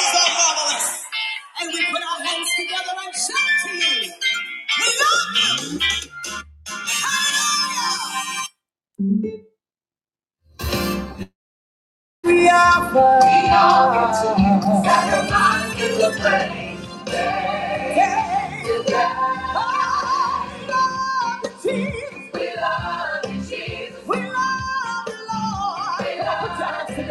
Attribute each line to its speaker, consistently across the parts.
Speaker 1: so marvelous. And we put our hands together and shout to you. We love you. Oh, we love you. We love you. We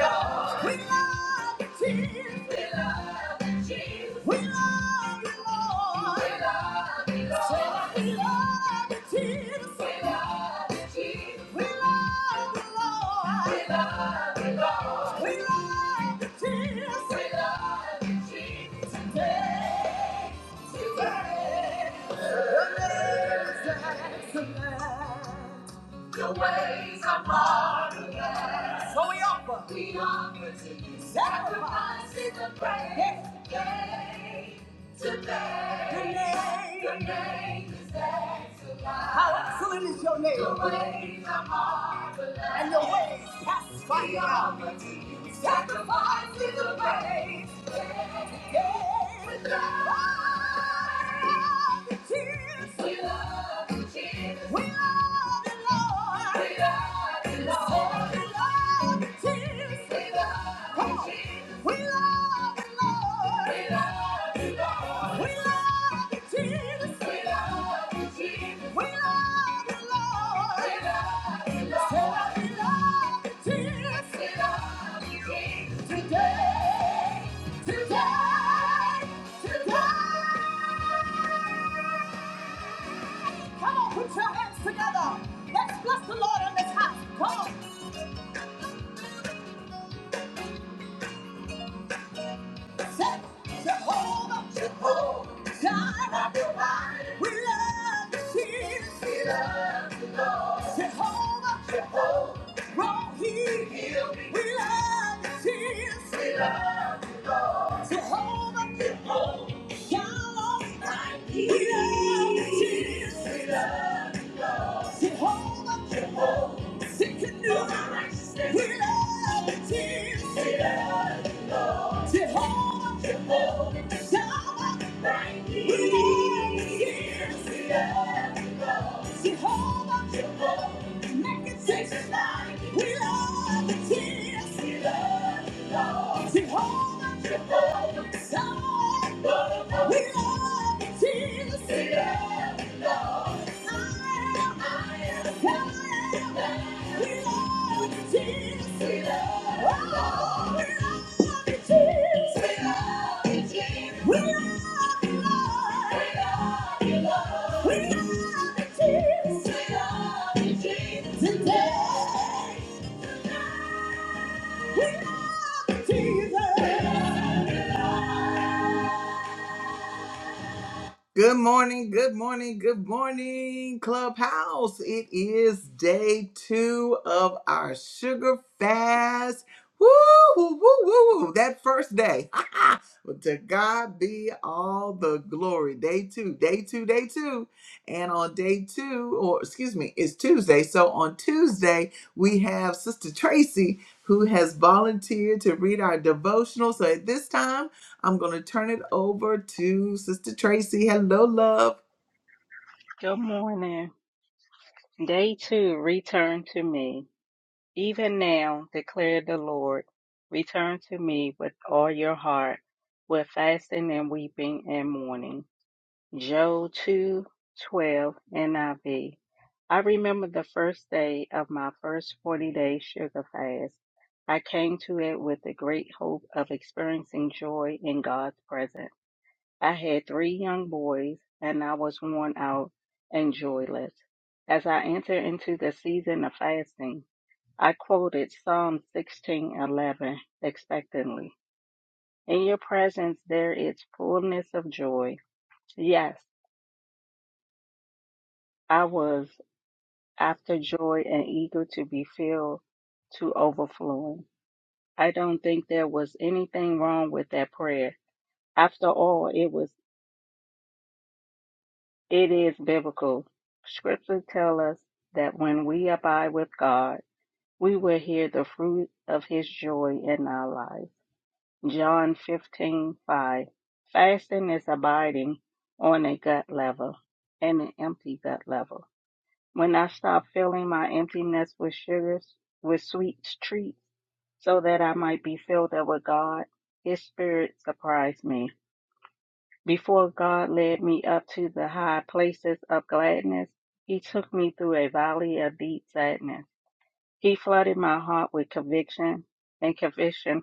Speaker 1: love you. We love you. Praise are marvelous. So we offer. We offer to you sacrifice in praise. Yes. Today, today, your name. is excellent. How excellent is your name? Your ways are marvelous. And your ways pass by We offer to you sacrifice in praise. Today, today, today. We love you, Jesus. We love you, Lord. We love you, Lord. We love you, Jesus. We love Come you, We love you, Lord. We love you, Lord. We love you, Jesus. We love you, Jesus. We love you, Lord. We love you, Lord. we love you, Jesus. We love you, Jesus. Today, today, today. Come on, put your hands together. Let's bless the Lord in this house. Come on. Say, Jehovah, Jehovah, Jireh, provider. we love you, Jesus. We love you. Jehovah, Jehovah, Rohi, heal me. we love you, Jesus. We love you. Jehovah, Jehovah, Shalom, we love you, Jesus. Jehovah, she can do it without a tear. Jehovah, Shammah, without a tear. Jehovah, make it taste like without a tear. Jehovah, Shammah, without Today, we love Jesus. Good morning, good morning, good morning, Clubhouse. It is day two of our sugar fast. Woo, woo, woo, woo, woo. That first day. Well, to God be all the glory. Day two, day two, day two. And on day two, or excuse me, it's Tuesday. So on Tuesday, we have Sister Tracy who has volunteered to read our devotional. So at this time, I'm going to turn it over to Sister Tracy. Hello, love.
Speaker 2: Good morning. Day two, return to me. Even now, declared the Lord, return to me with all your heart, with fasting and weeping and mourning. Job two twelve NIV. I V. I remember the first day of my first 40 day sugar fast. I came to it with the great hope of experiencing joy in God's presence. I had three young boys, and I was worn out and joyless. As I entered into the season of fasting, I quoted Psalm 16:11 expectantly. In your presence there is fullness of joy. Yes, I was after joy and eager to be filled to overflowing. I don't think there was anything wrong with that prayer. After all, it was. It is biblical. Scripture tell us that when we abide with God, we will hear the fruit of his joy in our lives. John fifteen five. Fasting is abiding on a gut level and an empty gut level. When I stop filling my emptiness with sugars, with sweet treats, so that I might be filled up with God, his spirit surprised me. Before God led me up to the high places of gladness, He took me through a valley of deep sadness. He flooded my heart with conviction, and conviction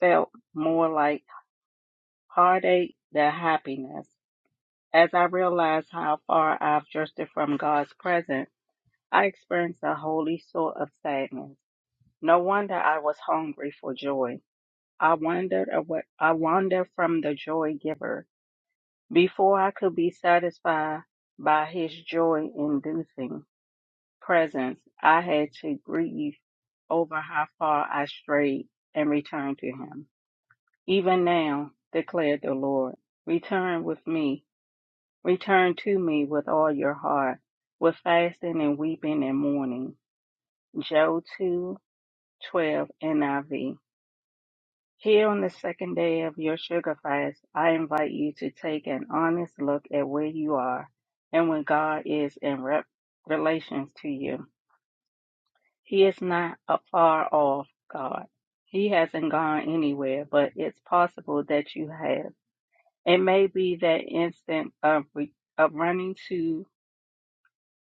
Speaker 2: felt more like heartache than happiness. As I realized how far I've drifted from God's presence, I experienced a holy sort of sadness. No wonder I was hungry for joy. I wandered away. I wandered from the joy giver. Before I could be satisfied by his joy inducing presence, I had to grieve over how far I strayed and return to him. Even now, declared the Lord, return with me, return to me with all your heart, with fasting and weeping and mourning. Joe two twelve NIV. Here on the second day of your sugar fast, I invite you to take an honest look at where you are and where God is in rep- relations to you. He is not a far off God. He hasn't gone anywhere, but it's possible that you have. It may be that instant of, re- of running to,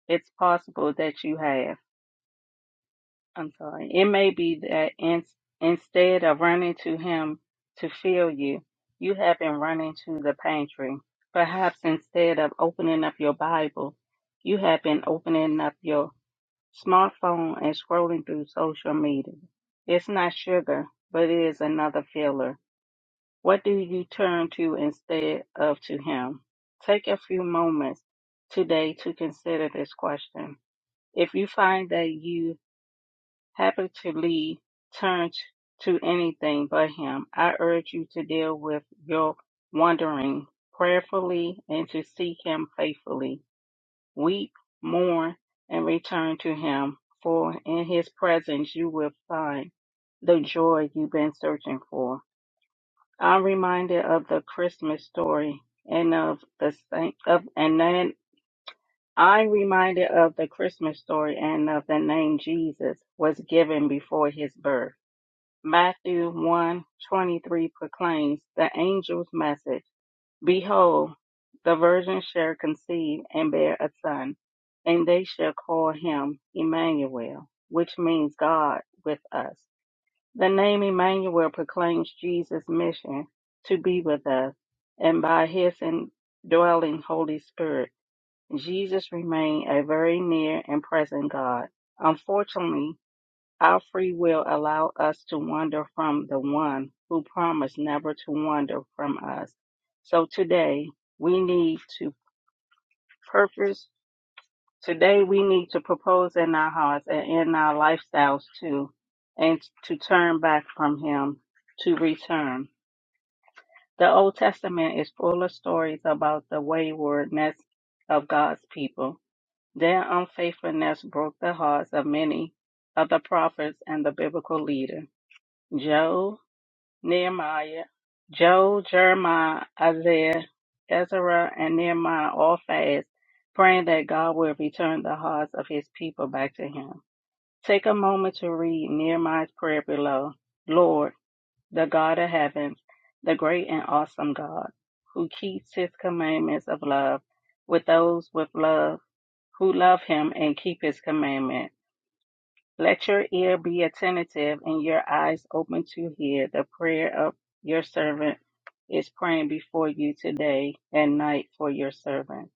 Speaker 2: it's possible that you have. I'm sorry. It may be that in, instead of running to him to feel you, you have been running to the pantry. Perhaps instead of opening up your Bible, you have been opening up your smartphone and scrolling through social media. It's not sugar, but it is another filler. What do you turn to instead of to him? Take a few moments today to consider this question. If you find that you Happy to Lee turned to anything but him. I urge you to deal with your wandering prayerfully and to seek him faithfully. Weep, mourn, and return to him, for in his presence you will find the joy you've been searching for. I'm reminded of the Christmas story and of the saint of and then I'm reminded of the Christmas story and of the name Jesus was given before his birth. Matthew 1 twenty-three proclaims the angel's message Behold, the virgin shall conceive and bear a son, and they shall call him Emmanuel, which means God with us. The name Emmanuel proclaims Jesus' mission to be with us, and by his indwelling Holy Spirit, Jesus remained a very near and present God. Unfortunately, our free will allow us to wander from the one who promised never to wander from us. So today we need to purpose today we need to propose in our hearts and in our lifestyles too and to turn back from him to return. The Old Testament is full of stories about the waywardness of God's people. Their unfaithfulness broke the hearts of many of the prophets and the biblical leader, Job Nehemiah, Joel, Jeremiah, Isaiah, Ezra, and Nehemiah all fast, praying that God will return the hearts of his people back to him. Take a moment to read Nehemiah's prayer below. Lord, the God of heaven, the great and awesome God, who keeps his commandments of love with those with love who love him and keep his commandments. Let your ear be attentive and your eyes open to hear the prayer of your servant is praying before you today and night for your servant,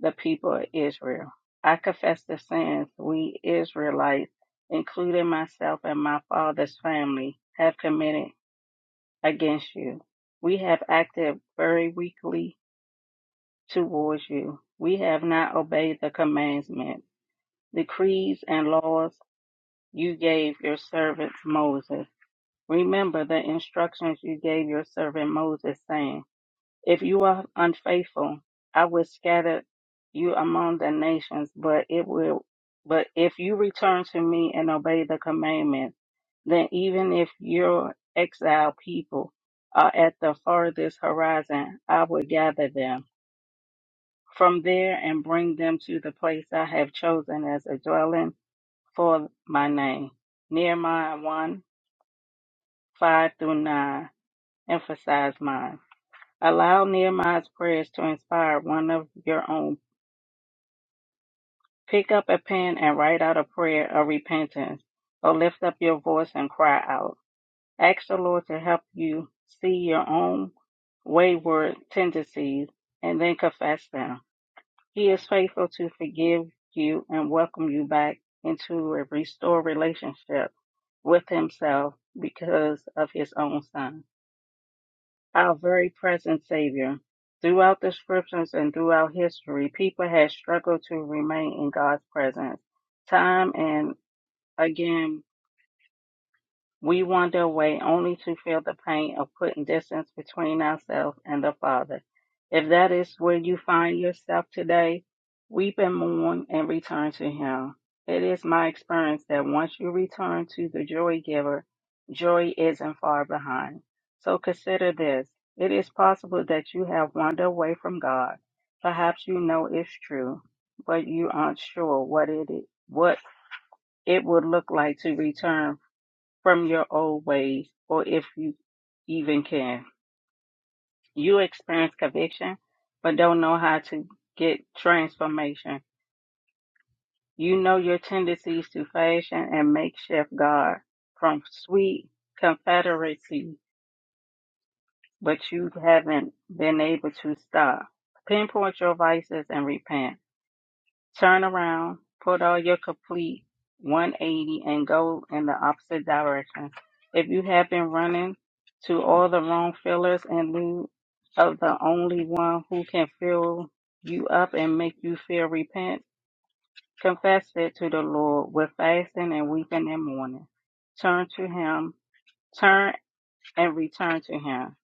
Speaker 2: the people of Israel. I confess the sins we Israelites, including myself and my father's family, have committed against you. We have acted very weakly towards you. We have not obeyed the commandments, decrees, and laws you gave your servant Moses. Remember the instructions you gave your servant Moses, saying, If you are unfaithful, I will scatter you among the nations, but it will but if you return to me and obey the commandments, then even if your exiled people are at the farthest horizon, I will gather them from there and bring them to the place I have chosen as a dwelling for my name. Nehemiah 1 5 through 9. emphasize mine. Allow Nehemiah's prayers to inspire one of your own. Pick up a pen and write out a prayer of repentance, or lift up your voice and cry out. Ask the Lord to help you see your own wayward tendencies and then confess them. He is faithful to forgive you and welcome you back into a restored relationship with Himself because of His own Son. our very present Savior. Throughout the scriptures and throughout history, people have struggled to remain in God's presence time and again we wander away only to feel the pain of putting distance between ourselves and the Father. If that is where you find yourself today, weep and mourn and return to Him. It is my experience that once you return to the joy giver, joy isn't far behind. So consider this. It is possible that you have wandered away from God. Perhaps you know it's true, but you aren't sure what it what it would look like to return from your old ways, or if you even can. You experience conviction, but don't know how to get transformation. You know your tendencies to fashion and makeshift God from sweet confederacy, but you haven't been able to stop. Pinpoint your vices and repent. Turn around, put on your complete 180 and go in the opposite direction. If you have been running to all the wrong fillers in lieu of the only one who can fill you up and make you feel repent, confess it to the Lord with fasting and weeping and mourning. Turn to Him, turn and return to Him.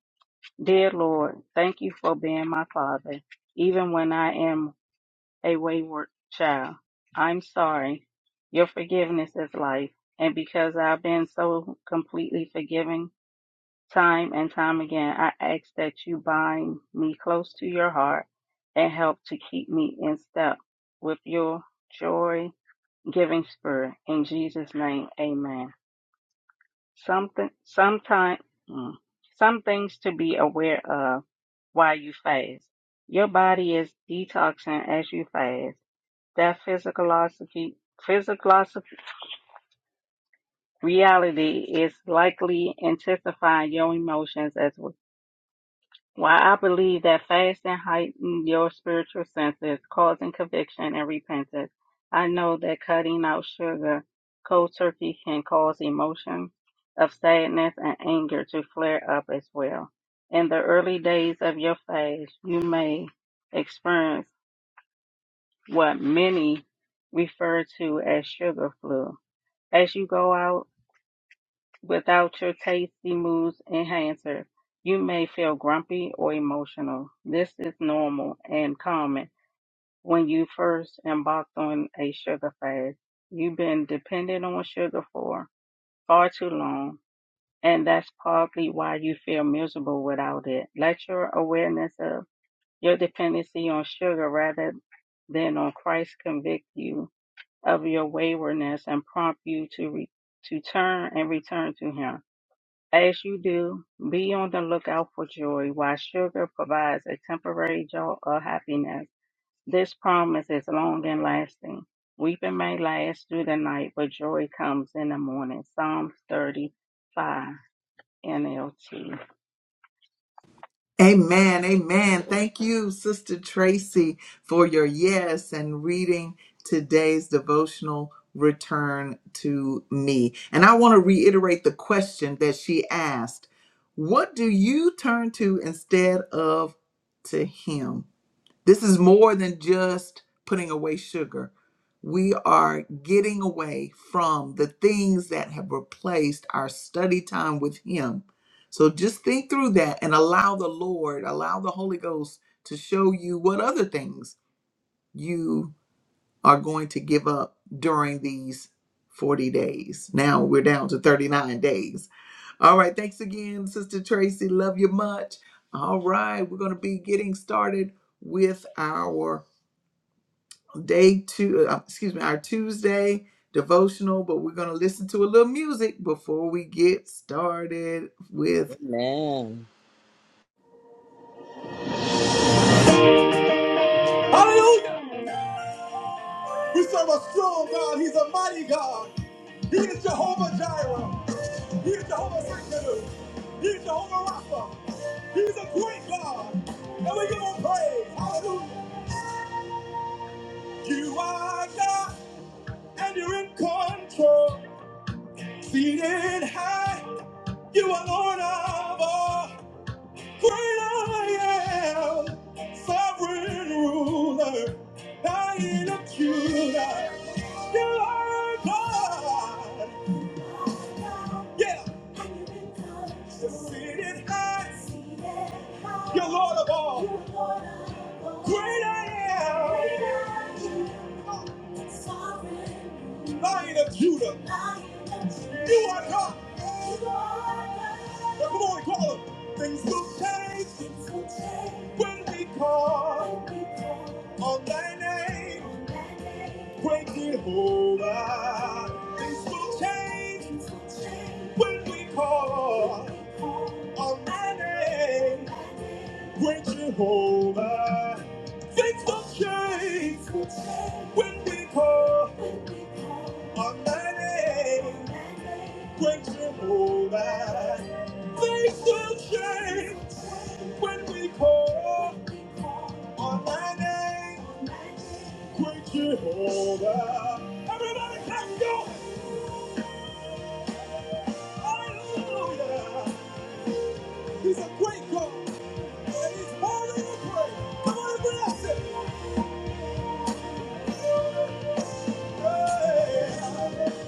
Speaker 2: Dear Lord, thank you for being my Father, even when I am a wayward child. I'm sorry. Your forgiveness is life. And because I've been so completely forgiving time and time again, I ask that you bind me close to your heart and help to keep me in step with your joy giving spirit. In Jesus' name, amen. Something, sometime, mm, some things to be aware of while you fast. Your body is detoxing as you fast that physiologically, physiological reality is likely intensifying your emotions as well. While I believe that fasting heightens your spiritual senses, causing conviction and repentance, I know that cutting out sugar cold turkey can cause emotions of sadness and anger to flare up as well. In the early days of your fast, you may experience what many refer to as sugar flu As you go out without your tasty moods enhancer, you may feel grumpy or emotional. This is normal and common when you first embarked on a sugar fast. You've been dependent on sugar for far too long, and that's partly why you feel miserable without it. Let your awareness of your dependency on sugar rather than on Christ convict you of your waywardness and prompt you to re- to turn and return to him. As you do, be on the lookout for joy, while sugar provides a temporary jolt of happiness. This promise is long and lasting. Weeping may last through the night, but joy comes in the morning. Psalms 35 NLT.
Speaker 1: Amen. Amen. Thank you, Sister Tracy, for your yes and reading today's devotional return to me. And I want to reiterate the question that she asked What do you turn to instead of to Him? This is more than just putting away sugar. We are getting away from the things that have replaced our study time with Him. So just think through that and allow the Lord, allow the Holy Ghost to show you what other things you are going to give up during these 40 days. Now we're down to 39 days. All right. Thanks again, Sister Tracy. Love you much. All right. We're going to be getting started with our day two, uh, excuse me, our Tuesday devotional, but we're going to listen to a little music before we get started with.
Speaker 3: Amen.
Speaker 1: Hallelujah! We serve a strong God. He's a mighty God. He is Jehovah Jireh. He is Jehovah Sikkenu. He is Jehovah Rapha. He's a great God. And we give him praise. Hallelujah. You are God and you're in control. Seated high, you are Lord of all. I am sovereign ruler. I ain't a cuter. You are a God. Yeah. You Seated high. You're Lord of all. Great I am. I ain't a cuter. You are God. Now come on, call him. Things will change when we call. On thy name, great Jehovah, things will change when we call on thy name, great Jehovah. Things will change when we call on thy name, great Jehovah. Things will change when we call on thy name. Praise Jehovah. Everybody can go. Hallelujah. He's a great God. And he's holy to pray. Come on and bless him. Hey.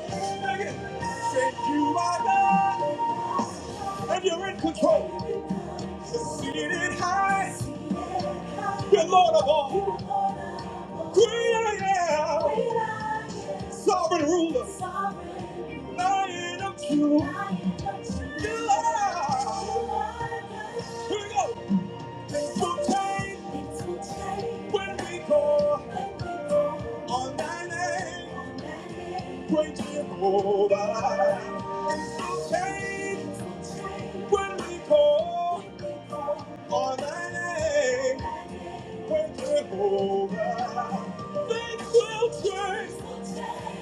Speaker 1: Sing it. Say you are God. and you're in control. Seated high, you're Lord of all. Great I am, sovereign ruler, lion of Judah. You are. Here we go. Things will change. Things will change. When we go. When we go. On thy name. On thy name. Great Jehovah. Things will change. Things will change. When we go. When we go. On thy name. Thy name. Great Jehovah. Things will change. Things will change.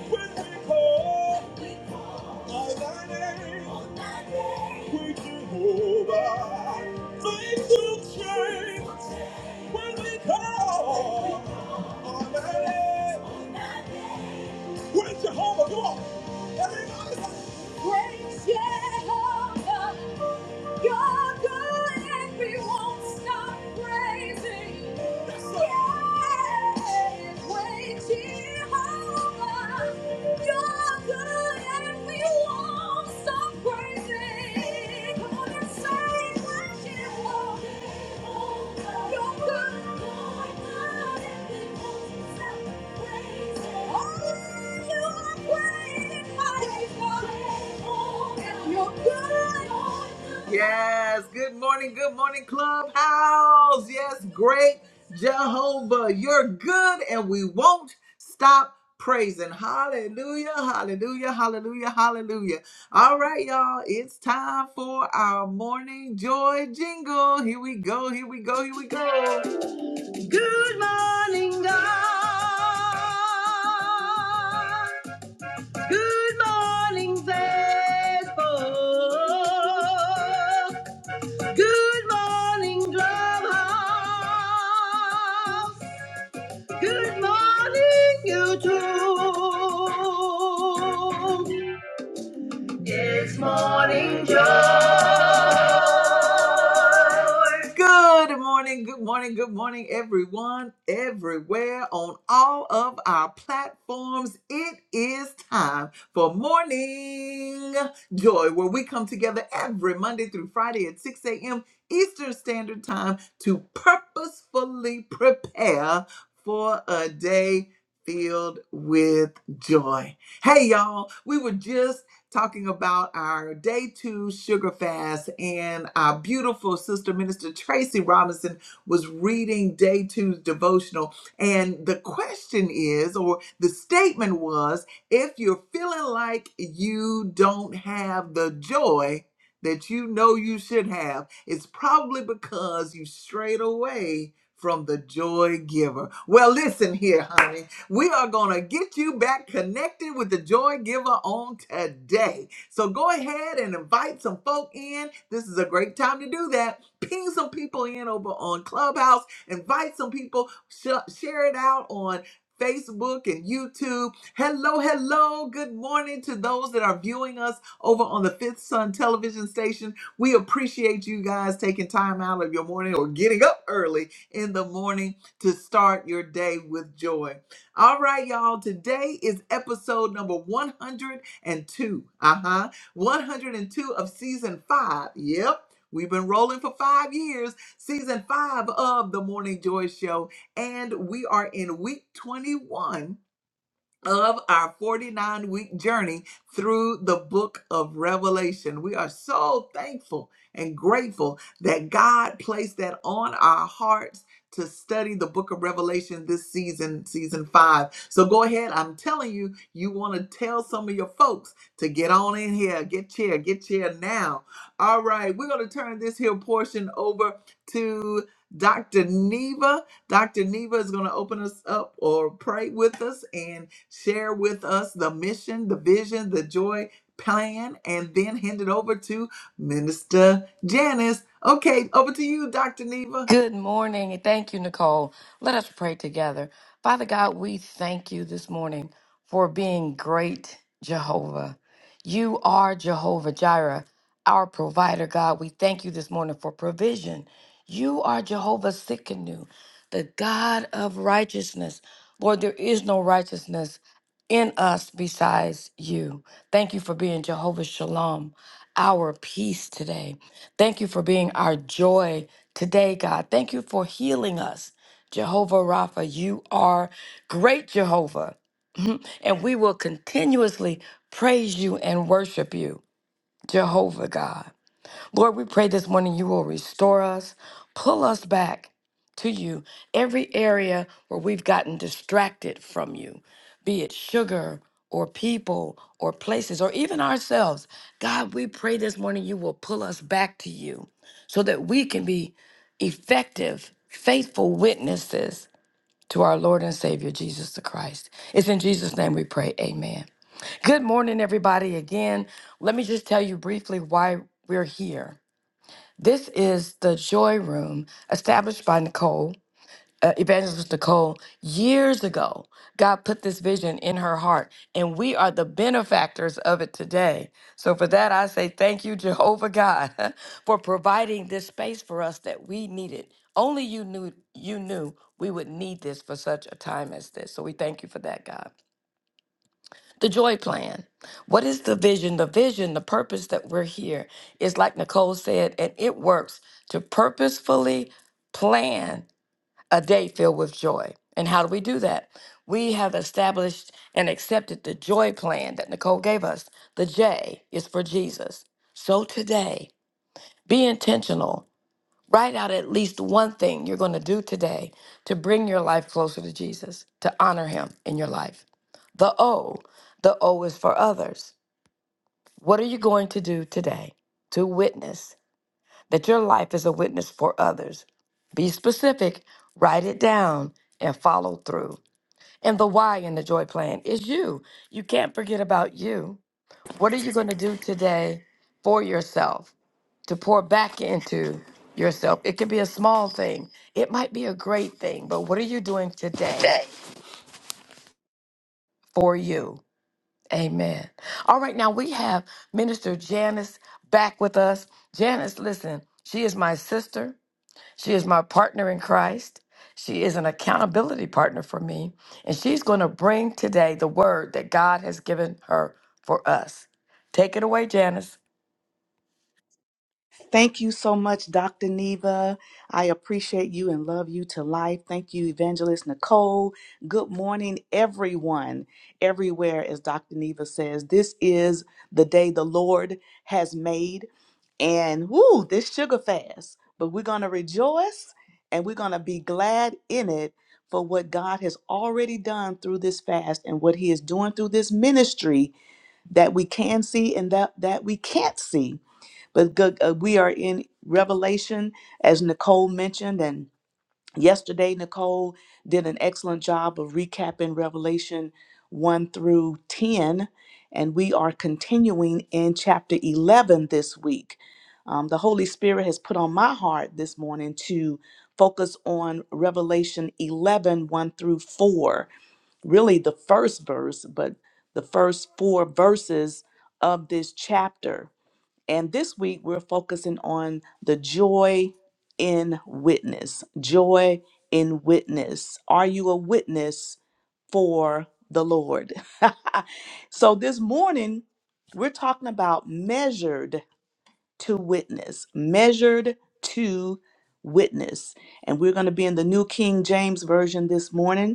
Speaker 1: When we go. On thy name. On thy name. Great Jehovah. Things will change. When we call on that name, with Jehovah, come on, everybody. say, You're good and we won't stop praising. All Yes, good morning, good morning, Clubhouse. Yes, great Jehovah, you're good, and we won't stop praising. Hallelujah, hallelujah, hallelujah, hallelujah. All right, y'all, it's time for our morning joy jingle. Here we go, here we go, here we go. Good morning, good morning, good morning, everyone, everywhere, on all of our platforms. It is time for Morning Joy, where we come together every Monday through Friday at 6 a.m. Eastern Standard Time to purposefully prepare for a day filled with joy. Hey, y'all, we were just talking about our day two sugar fast. And our beautiful sister, Minister Tracy Robinson, was reading day two's devotional. And the question is, or the statement was, if you're feeling like you don't have the joy, that you know you should have, it's probably because you strayed away from the joy giver. Well, listen here, honey. We are going to get you back connected with the joy giver on today. So go ahead and invite some folk in. This is a great time to do that. Ping some people in over on Clubhouse, invite some people, sh- share it out on Facebook and YouTube. Hello, hello. Good morning to those that are viewing us over on the Fifth Sun television station. We appreciate you guys taking time out of your morning or getting up early in the morning to start your day with joy. All right, y'all. Today is episode number 102. Uh huh. 102 of season five. Yep. We've been rolling for five years, season five of the Morning Joy Show, and we are in week 21 of our 49 week journey through the book of Revelation. We are so thankful and grateful that God placed that on our hearts to study the book of Revelation this season, season five. So go ahead. I'm telling you, you want to tell some of your folks to get on in here, get chair, get chair now. All right, we're going to turn this here portion over to Dr. Neva. Dr. Neva is going to open us up or pray with us, and share with us the mission, the vision, the joy plan, and then hand it over to Minister Janice. Okay, over to you, Dr. Neva.
Speaker 4: Good morning, and thank you, Nicole. Let us pray together. Father God, we thank you this morning for being great, Jehovah. You are Jehovah Jireh, our provider, God. We thank you this morning for provision. You are Jehovah Sikkenu, the God of righteousness. Lord, there is no righteousness in us besides you. Thank you for being Jehovah Shalom, our peace today. Thank you for being our joy today, God. Thank you for healing us. Jehovah Rapha, you are great Jehovah, and we will continuously praise you and worship you, Jehovah God. Lord, we pray this morning you will restore us, pull us back to you, every area where we've gotten distracted from you, be it sugar or people or places or even ourselves. God, we pray this morning you will pull us back to you so that we can be effective, faithful witnesses to our Lord and Savior Jesus the Christ. It's in Jesus' name we pray. Amen. Good morning, everybody. Again, let me just tell you briefly why we're here. This is the Joy Room established by Nicole, uh, evangelist Nicole, years ago. God put this vision in her heart, and we are the benefactors of it today. So, for that, I say thank you, Jehovah God, for providing this space for us that we needed. Only you knew you knew we would need this for such a time as this. So, we thank you for that, God the joy plan. What is the vision? The vision, the purpose that we're here is like Nicole said, and it works to purposefully plan a day filled with joy. And how do we do that? We have established and accepted the joy plan that Nicole gave us. The J is for Jesus. So today, be intentional. Write out at least one thing you're going to do today to bring your life closer to Jesus, to honor him in your life. The O, the O is for others. What are you going to do today to witness that your life is a witness for others? Be specific, write it down, and follow through. And the why in the joy plan is you. You can't forget about you. What are you going to do today for yourself to pour back into yourself? It could be a small thing, it might be a great thing, but what are you doing today
Speaker 5: day.
Speaker 4: for you? Amen. All right, now we have Minister Janice back with us. Janice, listen, she is my sister. She is my partner in Christ. She is an accountability partner for me. And she's going to bring today the word that God has given her for us. Take it away, Janice.
Speaker 6: Thank you so much, Dr. Neva. I appreciate you and love you to life. Thank you, Evangelist Nicole. Good morning, everyone, everywhere, as Dr. Neva says. This is the day the Lord has made. And woo, this sugar fast. But we're going to rejoice and we're going to be glad in it for what God has already done through this fast and what He is doing through this ministry that we can see and that, that we can't see but good, uh, we are in Revelation, as Nicole mentioned, and yesterday Nicole did an excellent job of recapping Revelation 1 through 10, and we are continuing in chapter 11 this week. Um, the Holy Spirit has put on my heart this morning to focus on Revelation eleven one through 4, really the first verse, but the first four verses of this chapter. And this week, we're focusing on the joy in witness. Joy in witness. Are you a witness for the Lord? so, this morning, we're talking about measured to witness, measured to witness. And we're going to be in the New King James Version this morning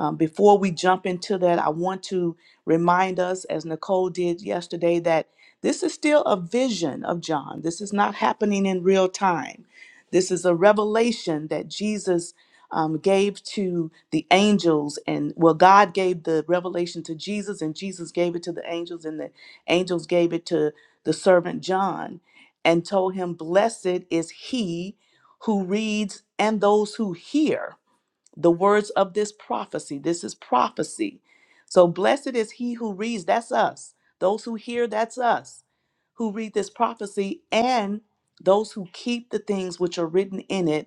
Speaker 6: um, before we jump into that, I want to remind us, as Nicole did yesterday, that this is still a vision of John. This is not happening in real time. This is a revelation that Jesus um, gave to the angels, and well, God gave the revelation to Jesus, and Jesus gave it to the angels, and the angels gave it to the servant John and told him, Blessed is he who reads and those who hear the words of this prophecy. This is prophecy. So blessed is he who reads, that's us. Those who hear, that's us, who read this prophecy, and those who keep the things which are written in it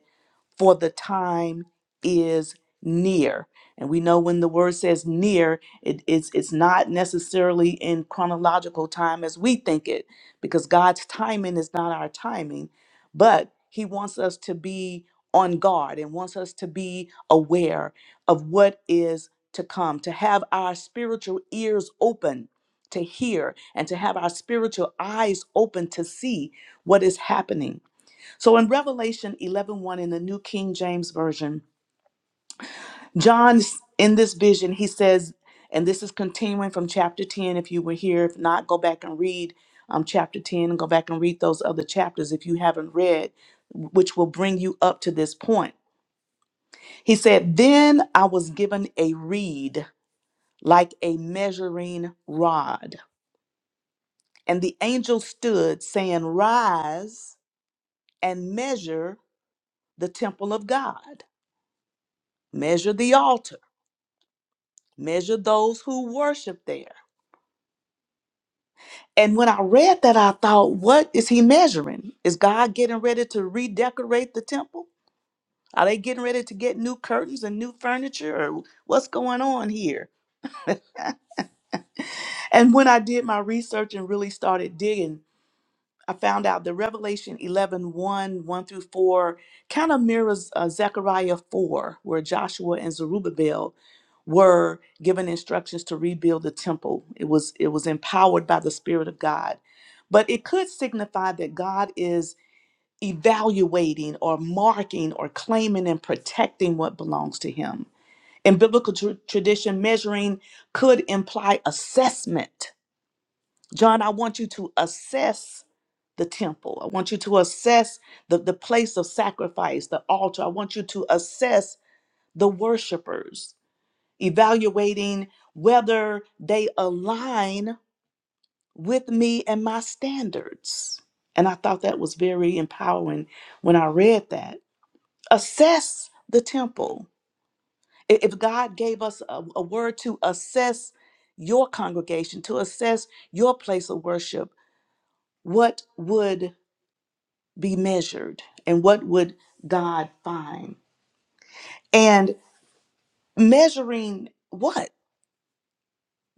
Speaker 6: for the time is near. And we know when the word says near, it, it's, it's not necessarily in chronological time as we think it, because God's timing is not our timing, but He wants us to be on guard and wants us to be aware of what is to come, to have our spiritual ears open to hear, and to have our spiritual eyes open to see what is happening. So in Revelation eleven one in the New King James Version, John in this vision, he says, and this is continuing from chapter 10 if you were here, if not go back and read um, chapter 10 and go back and read those other chapters if you haven't read, which will bring you up to this point. He said, "Then I was given a reed like a measuring rod, and the angel stood saying, 'Rise and measure the temple of God." measure the altar measure those who worship there. And when I read that, I thought, what is he measuring? Is God getting ready to redecorate the temple? Are they getting ready to get new curtains and new furniture? Or what's going on here? And when I did my research and really started digging, I found out the Revelation eleven one 1 through 4 kind of mirrors uh, Zechariah 4, where Joshua and Zerubbabel were given instructions to rebuild the temple. It was, it was empowered by the Spirit of God. But it could signify that God is evaluating or marking or claiming and protecting what belongs to Him. In biblical tr- tradition, measuring could imply assessment John, I want you to assess the temple. I want you to assess the, the place of sacrifice, the altar. I want you to assess the worshipers, evaluating whether they align with me and my standards. And I thought that was very empowering when I read that. Assess the temple. I- If God gave us a, a word to assess your congregation, to assess your place of worship, what would be measured and what would God find? And measuring what?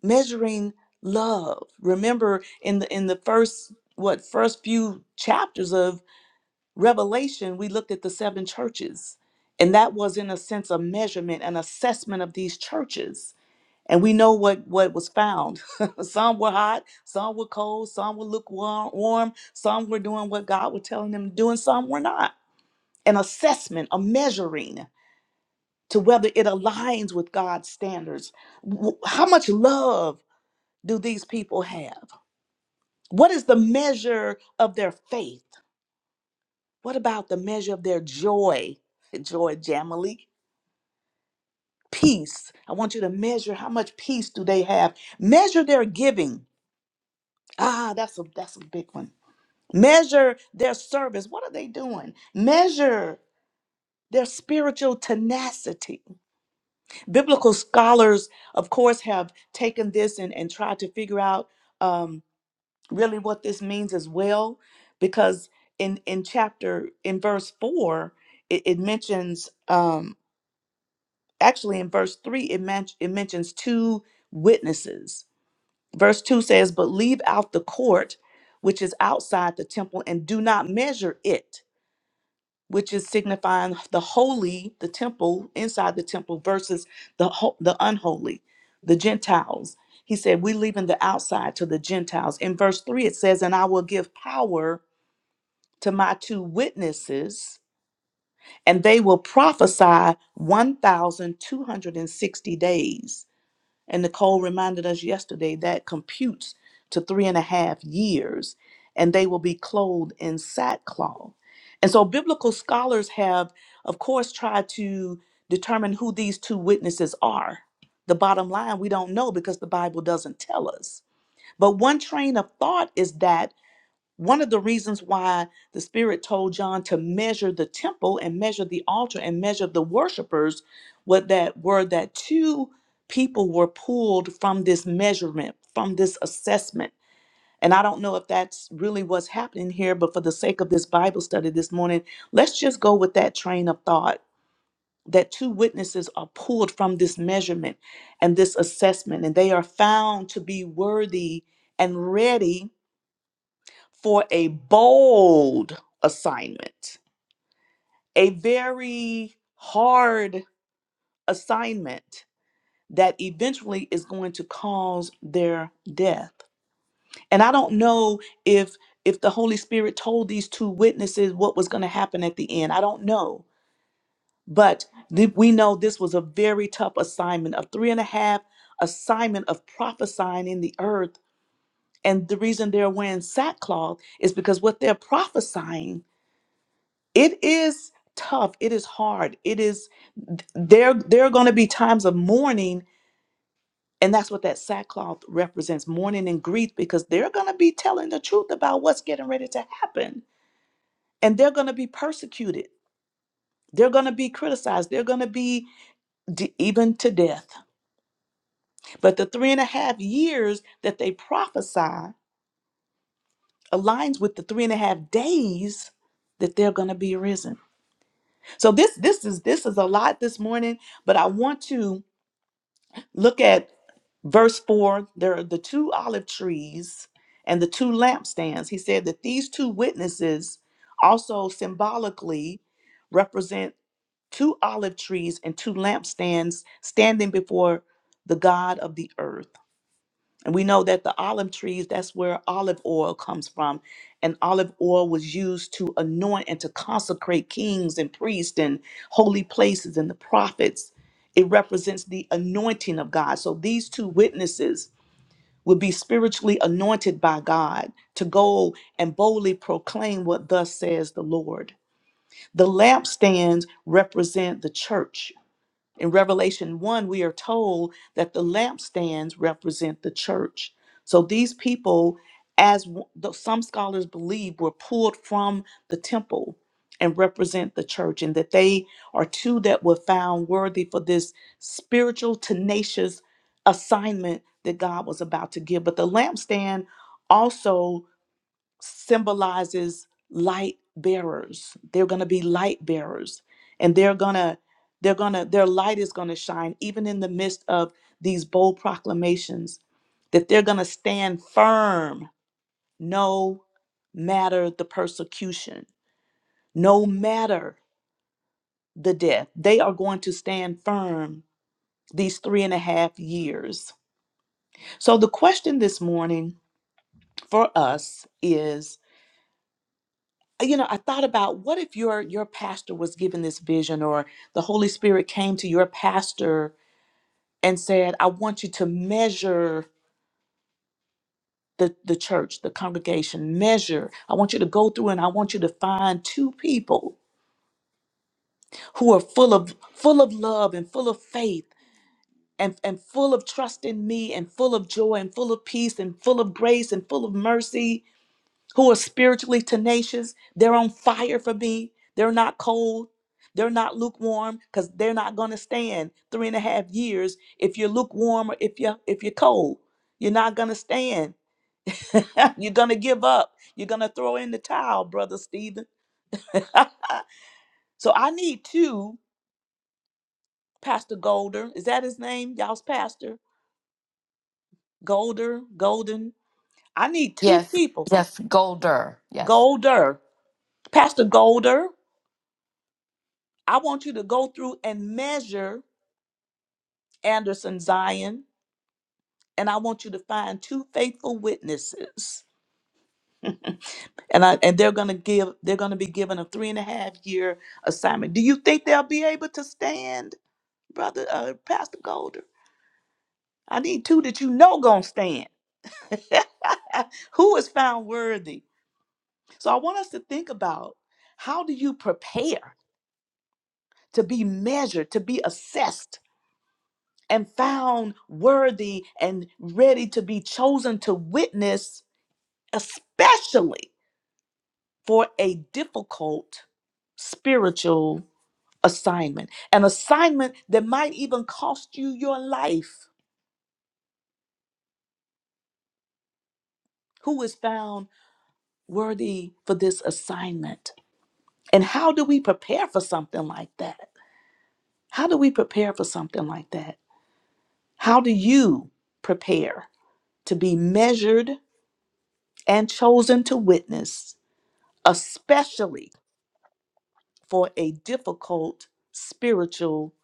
Speaker 6: Measuring love. Remember in the in the first what first few chapters of Revelation, we looked at the seven churches. And that was in a sense a measurement, an assessment of these churches. And we know what what was found. some were hot, some were cold, some were lukewarm, some were doing what God was telling them to do, and some were not. An assessment, a measuring to whether it aligns with God's standards. W- How much love do these people have? What is the measure of their faith? What about the measure of their joy? Joy, Jamily. Peace. I want you to measure how much peace do they have. Measure their giving. Ah, that's a that's a big one. Measure their service. What are they doing? Measure their spiritual tenacity biblical scholars, of course, have taken this and, and tried to figure out um, really what this means as well, because in in chapter in verse four, it, it mentions um, actually in verse three, it men- it mentions two witnesses. Verse two says, "But leave out the court, which is outside the temple, and do not measure it." which is signifying the holy, the temple inside the temple versus the ho- the unholy, the Gentiles. He said, "We leaving the outside to the Gentiles." In verse three, it says, "And I will give power to my two witnesses, and they will prophesy one thousand two hundred and sixty days." And Nicole reminded us yesterday that computes to three and a half years, and they will be clothed in sackcloth. And so, biblical scholars have, of course, tried to determine who these two witnesses are. The bottom line, we don't know because the Bible doesn't tell us. But one train of thought is that one of the reasons why the Spirit told John to measure the temple and measure the altar and measure the worshipers was that were that two people were pulled from this measurement, from this assessment. And I don't know if that's really what's happening here, but for the sake of this Bible study this morning, let's just go with that train of thought that two witnesses are pulled from this measurement and this assessment, and they are found to be worthy and ready for a bold assignment, a very hard assignment that eventually is going to cause their death. And I don't know if if the Holy Spirit told these two witnesses what was going to happen at the end. I don't know. But th- we know this was a very tough assignment, a three and a half assignment of prophesying in the earth. And the reason they're wearing sackcloth is because what they're prophesying it is tough it is hard it is there there are going to be times of mourning and that's what that sackcloth represents mourning and grief because they're going to be telling the truth about what's getting ready to happen and they're going to be persecuted they're going to be criticized they're going to be d- even to death but the three and a half years that they prophesy aligns with the three and a half days that they're going to be risen so this this is this is a lot this morning but i want to look at verse 4 there are the two olive trees and the two lampstands he said that these two witnesses also symbolically represent two olive trees and two lampstands standing before the god of the earth and we know that the olive trees that's where olive oil comes from and olive oil was used to anoint and to consecrate kings and priests and holy places and the prophets it represents the anointing of god so these two witnesses would be spiritually anointed by God to go and boldly proclaim what thus says the Lord. The lampstands represent the church in Revelation 1, we are told that the lampstands represent the church. So these people, as w- though some scholars believe, were pulled from the temple and represent the church, and that they are two that were found worthy for this spiritual, tenacious assignment that God was about to give. But the lampstand also symbolizes light bearers. They're going to be light bearers and they're going to they're going to their light is going to shine even in the midst of these bold proclamations that they're going to stand firm no matter the persecution, no matter the death. They are going to stand firm these three and a half years. So the question this morning for us is you know i thought about what if your your pastor was given this vision or the holy spirit came to your pastor and said i want you to measure the the church the congregation measure i want you to go through and i want you to find two people who are full of full of love and full of faith and, and full of trust in me and full of joy and full of peace and full of grace and full of mercy who are spiritually tenacious. They're on fire for me. They're not cold. They're not lukewarm because they're not going to stand three and a half years if you're lukewarm or if you're if you're cold. You're not going to stand. you're going to give up. You're going to throw in the towel, brother Stephen. so I need two, Pastor Golder. Is that his name? Y'all's pastor, Golder, Golden. I need two
Speaker 4: Yes,
Speaker 6: people,
Speaker 4: yes, Golder. Yes.
Speaker 6: Golder, Pastor Golder. I want you to go through and measure Anderson Zion, and I want you to find two faithful witnesses. And I and they're gonna give they're gonna be given a three and a half year assignment. Do you think they'll be able to stand, brother uh, Pastor Golder? I need two that you know gonna stand. Who is found worthy? So I want us to think about how do you prepare to be measured, to be assessed, and found worthy and ready to be chosen to witness, especially for a difficult spiritual assignment, an assignment that might even cost you your life. Who is found worthy for this assignment? And how do we prepare for something like that? How do we prepare for something like that? How do you prepare to be measured and chosen to witness, especially for a difficult spiritual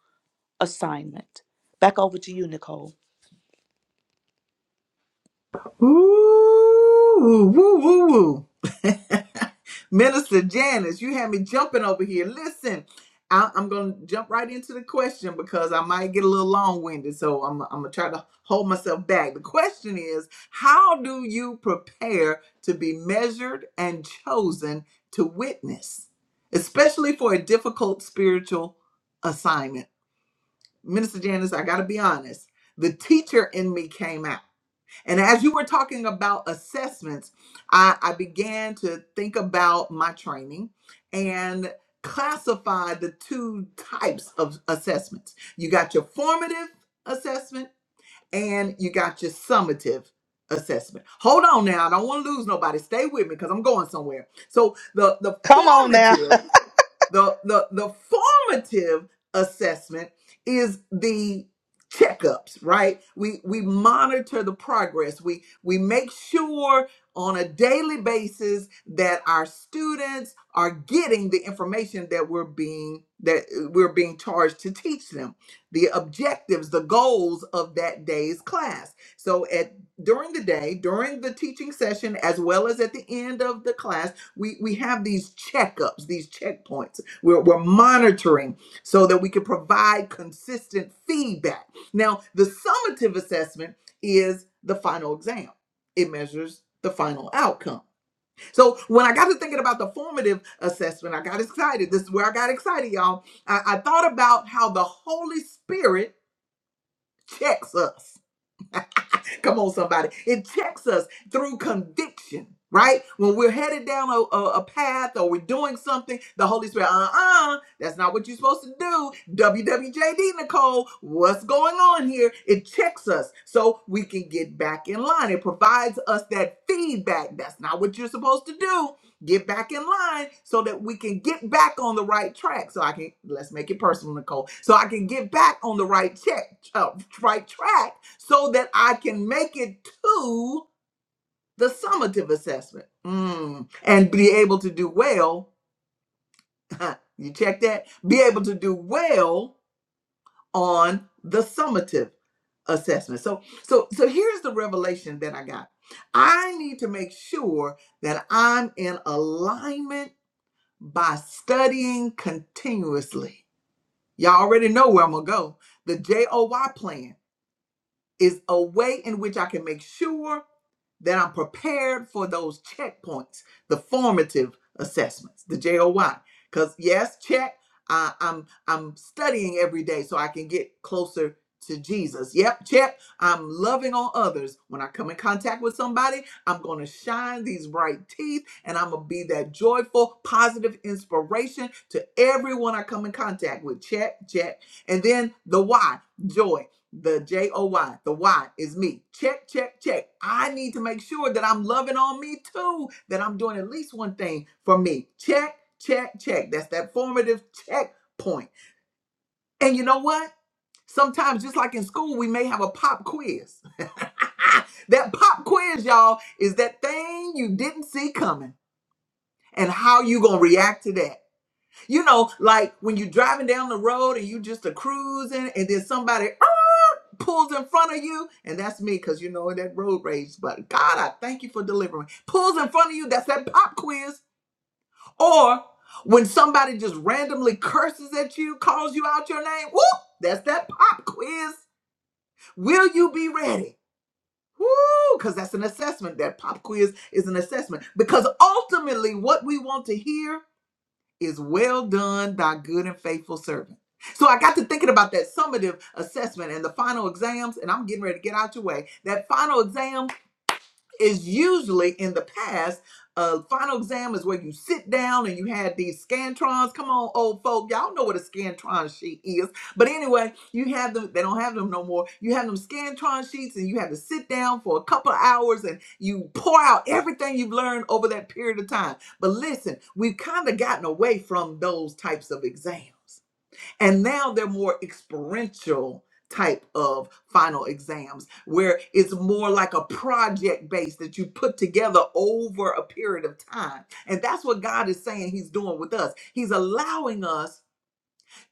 Speaker 6: assignment? Back over to you, Nicole.
Speaker 1: Ooh, woo, woo, woo. Minister Janice, you had me jumping over here. Listen, I, I'm going to jump right into the question because I might get a little long winded. So I'm, I'm going to try to hold myself back. The question is How do you prepare to be measured and chosen to witness, especially for a difficult spiritual assignment? Minister Janice, I got to be honest, the teacher in me came out and as you were talking about assessments, I, I began to think about my training and classify the two types of assessments. You got your formative assessment and you got your summative assessment. Hold on now, I don't want to lose nobody. Stay with me because I'm going somewhere. So the the
Speaker 6: Come on now.
Speaker 1: formative the the the formative assessment is the checkups right we we monitor the progress we we make sure on a daily basis that our students are getting the information that we're being that uh, we're being charged to teach them the objectives the goals of that day's class so at during the day during the teaching session as well as at the end of the class we we have these checkups these checkpoints we're, we're monitoring so that we can provide consistent feedback. Now, the summative assessment is the final exam, it measures the final outcome. So, when I got to thinking about the formative assessment, I got excited. This is where I got excited, y'all. I, I thought about how the Holy Spirit checks us. Come on, somebody. It checks us through conviction, right? When we're headed down a, a, a path or we're doing something, the Holy Spirit, uh uh, that's not what you're supposed to do. WWJD, Nicole, what's going on here? It checks us so we can get back in line. It provides us that feedback. That's not what you're supposed to do. Get back in line so that we can get back on the right track. So I can, let's make it personal, Nicole, so I can get back on the right check, uh, right track so that I can make it to the summative assessment Mm. and be able to do well. you check that? Be able to do well on the summative assessment. So so so here's the revelation that I got. I need to make sure that I'm in alignment by studying continuously. Y'all already know where I'm gonna go. The JOY plan. is a way in which I can make sure that I'm prepared for those checkpoints, the formative assessments, the JOY. Because yes, check. I, I'm I'm studying every day so I can get closer to Jesus. Yep, check. I'm loving on others. When I come in contact with somebody, I'm gonna shine these bright teeth and I'm gonna be that joyful, positive inspiration to everyone I come in contact with. Check, check. And then the why, joy. The J O Y, the Y is me. Check, check, check. I need to make sure that I'm loving on me too, that I'm doing at least one thing for me. Check, check, check. That's that formative checkpoint. And you know what? Sometimes, just like in school, we may have a pop quiz. that pop quiz, y'all, is that thing you didn't see coming and how you gonna react to that. You know, like when you're driving down the road and you just a cruising and then somebody "Ah!" pulls in front of you, and that's me because you know that road rage. But God, I thank you for delivering. Pulls in front of you, that's that pop quiz. Or when somebody just randomly curses at you, calls you out your name, whoop, that's that pop quiz. Will you be ready? Woo, because that's an assessment. That pop quiz is an assessment. Because ultimately, what we want to hear is well done, thy good and faithful servant. So I got to thinking about that summative assessment and the final exams, and I'm getting ready to get out your way. That final exam is usually in the past. Uh, final exam is where you sit down and you had these scantrons. Come on, old folk, y'all know what a scantron sheet is. But anyway, you have them. They don't have them no more. You have them scantron sheets, and you have to sit down for a couple of hours and you pour out everything you've learned over that period of time. But listen, we've kind of gotten away from those types of exams. And now they're more experiential type of final exams where it's more like a project base that you put together over a period of time. And that's what God is saying he's doing with us. He's allowing us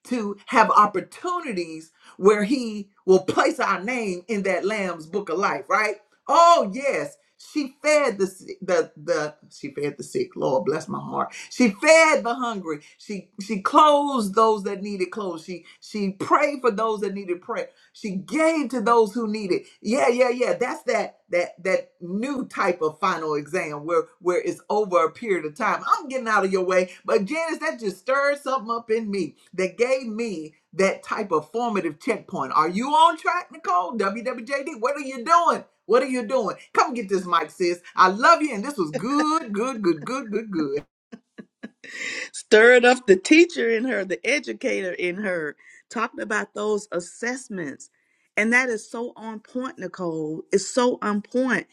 Speaker 1: to have opportunities where he will place our name in that lamb's book of life, right? Oh yes, she fed the si- the the she fed the sick. Lord bless my heart. She fed the hungry. She she clothed those that needed clothes. She she prayed for those that needed prayer. She gave to those who needed. Yeah, yeah, yeah. That's that that that new type of final exam where where it's over a period of time. I'm getting out of your way, but Janice, that just stirred something up in me that gave me that type of formative checkpoint. Are you on track, Nicole? WWJD, what are you doing? What are you doing? Come get this mic, sis. I love you, and this was good, good, good, good, good, good.
Speaker 6: stirred up the teacher in her, the educator in her, talking about those assessments. And that is so on point, Nicole. It's so on point.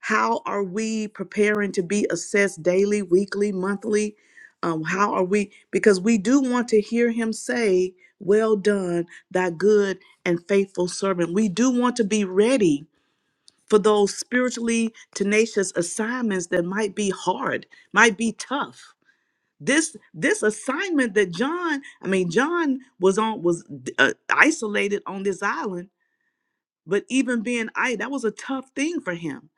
Speaker 6: How are we preparing to be assessed daily, weekly, monthly? Um, how are we? Because we do want to hear him say, Well done, thy good and faithful servant. We do want to be ready for those spiritually tenacious assignments that might be hard, might be tough this this assignment that john i mean john was on was uh, isolated on this island but even being i that was a tough thing for him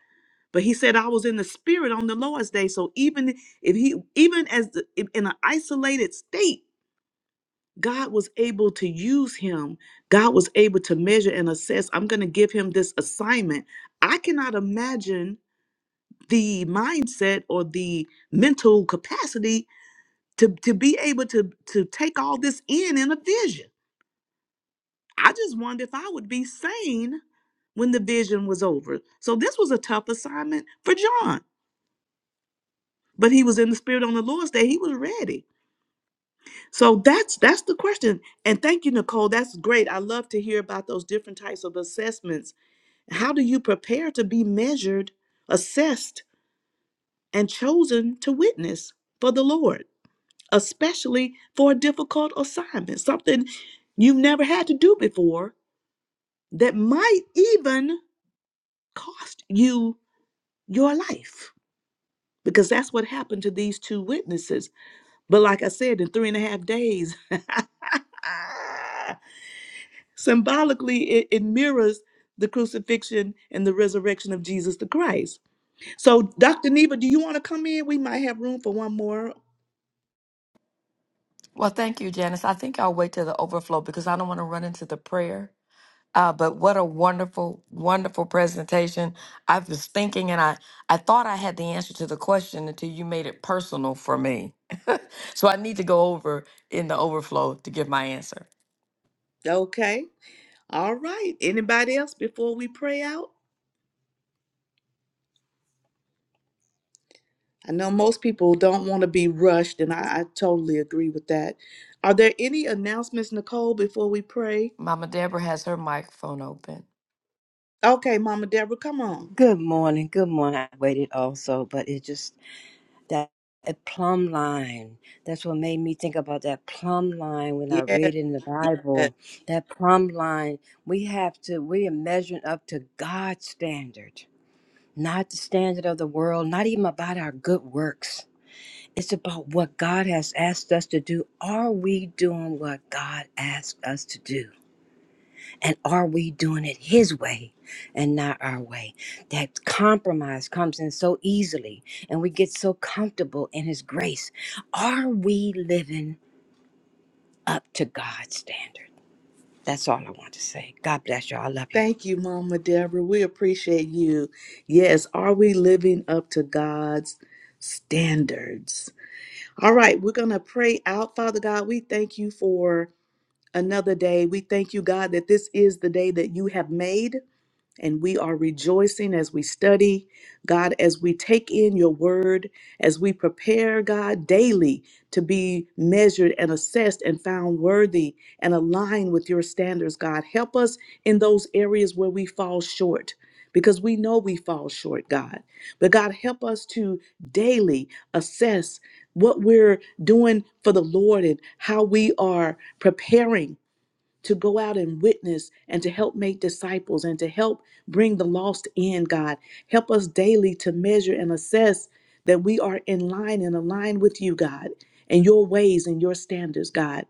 Speaker 6: but he said i was in the spirit on the lord's day so even if he even as the, if in an isolated state god was able to use him god was able to measure and assess i'm going to give him this assignment i cannot imagine the mindset or the mental capacity to to be able to to take all this in in a vision i just wondered if i would be sane when the vision was over so this was a tough assignment for john but he was in the spirit on the lord's day he was ready so that's that's the question and thank you nicole that's great i love to hear about those different types of assessments how do you prepare to be measured assessed and chosen to witness for the lord especially for a difficult assignment, something you've never had to do before that might even cost you your life. Because that's what happened to these two witnesses. But like I said, in three and a half days, symbolically, it, it mirrors the crucifixion and the resurrection of Jesus the Christ. So, Dr. Neva, do you want to come in? We might have room for one more.
Speaker 4: Well, thank you, Janice. I think I'll wait till the overflow because I don't want to run into the prayer. Uh, but what a wonderful, wonderful presentation. I was thinking and I, I thought I had the answer to the question until you made it personal for me. so I need to go over in the overflow to give my answer.
Speaker 6: Okay. All right. Anybody else before we pray out? I know most people don't want to be rushed, and I, I totally agree with that. Are there any announcements, Nicole, before we pray?
Speaker 4: Mama Deborah has her microphone open.
Speaker 6: Okay, Mama Deborah, come on.
Speaker 7: Good morning. Good morning. I waited also, but it just that a plumb line. That's what made me think about that plumb line when I
Speaker 6: Yes,
Speaker 7: read in the
Speaker 6: yes.
Speaker 7: Bible. That plumb line. We have to. We are measuring up to God's standard, not the standard of the world. Not even about our good works. It's about what God has asked us to do. Are we doing what God asked us to do? And are we doing it His way and not our way? That compromise comes in so easily and we get so comfortable in His grace. Are we living up to God's standard? That's all I want to say. God bless you. all I love you.
Speaker 6: Thank you, Mama Deborah. We appreciate you. Yes, are we living up to God's standards? All right, we're going to pray out. Father God, we thank you for another day. We thank you, God, that this is the day that you have made. And we are rejoicing as we study, God, as we take in your word, as we prepare, God, daily to be measured and assessed and found worthy and aligned with your standards, God. Help us in those areas where we fall short. Because we know we fall short, God. But God, help us to daily assess what we're doing for the Lord and how we are preparing to go out and witness and to help make disciples and to help bring the lost in, God. Help us daily to measure and assess that we are in line and aligned with you, God, and your ways and your standards, God.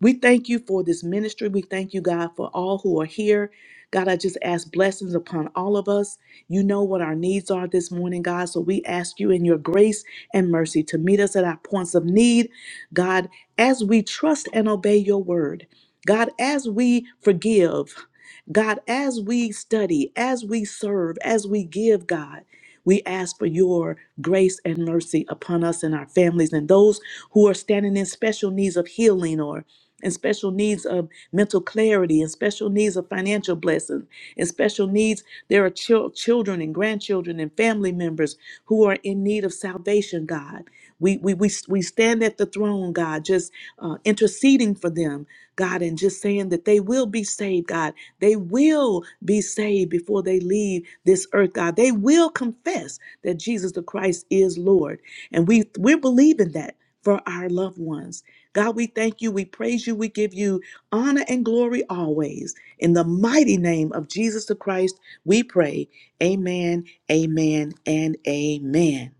Speaker 6: We thank you for this ministry. We thank you, God, for all who are here. God, I just ask blessings upon all of us. You know what our needs are this morning, God. So we ask you in your grace and mercy to meet us at our points of need. God, as we trust and obey your word, God, as we forgive, God, as we study, as we serve, as we give, God, we ask for your grace and mercy upon us and our families and those who are standing in special needs of healing or in special needs of mental clarity and special needs of financial blessings and special needs there are chil- children and grandchildren and family members who are in need of salvation god we we, we, we stand at the throne god just uh, interceding for them God, and just saying that they will be saved, God. They will be saved before they leave this earth, God. They will confess that Jesus the Christ is Lord. And we we're believing that for our loved ones. God, we thank you, we praise you, we give you honor and glory always. In the mighty name of Jesus the Christ, we pray. Amen, amen, and amen.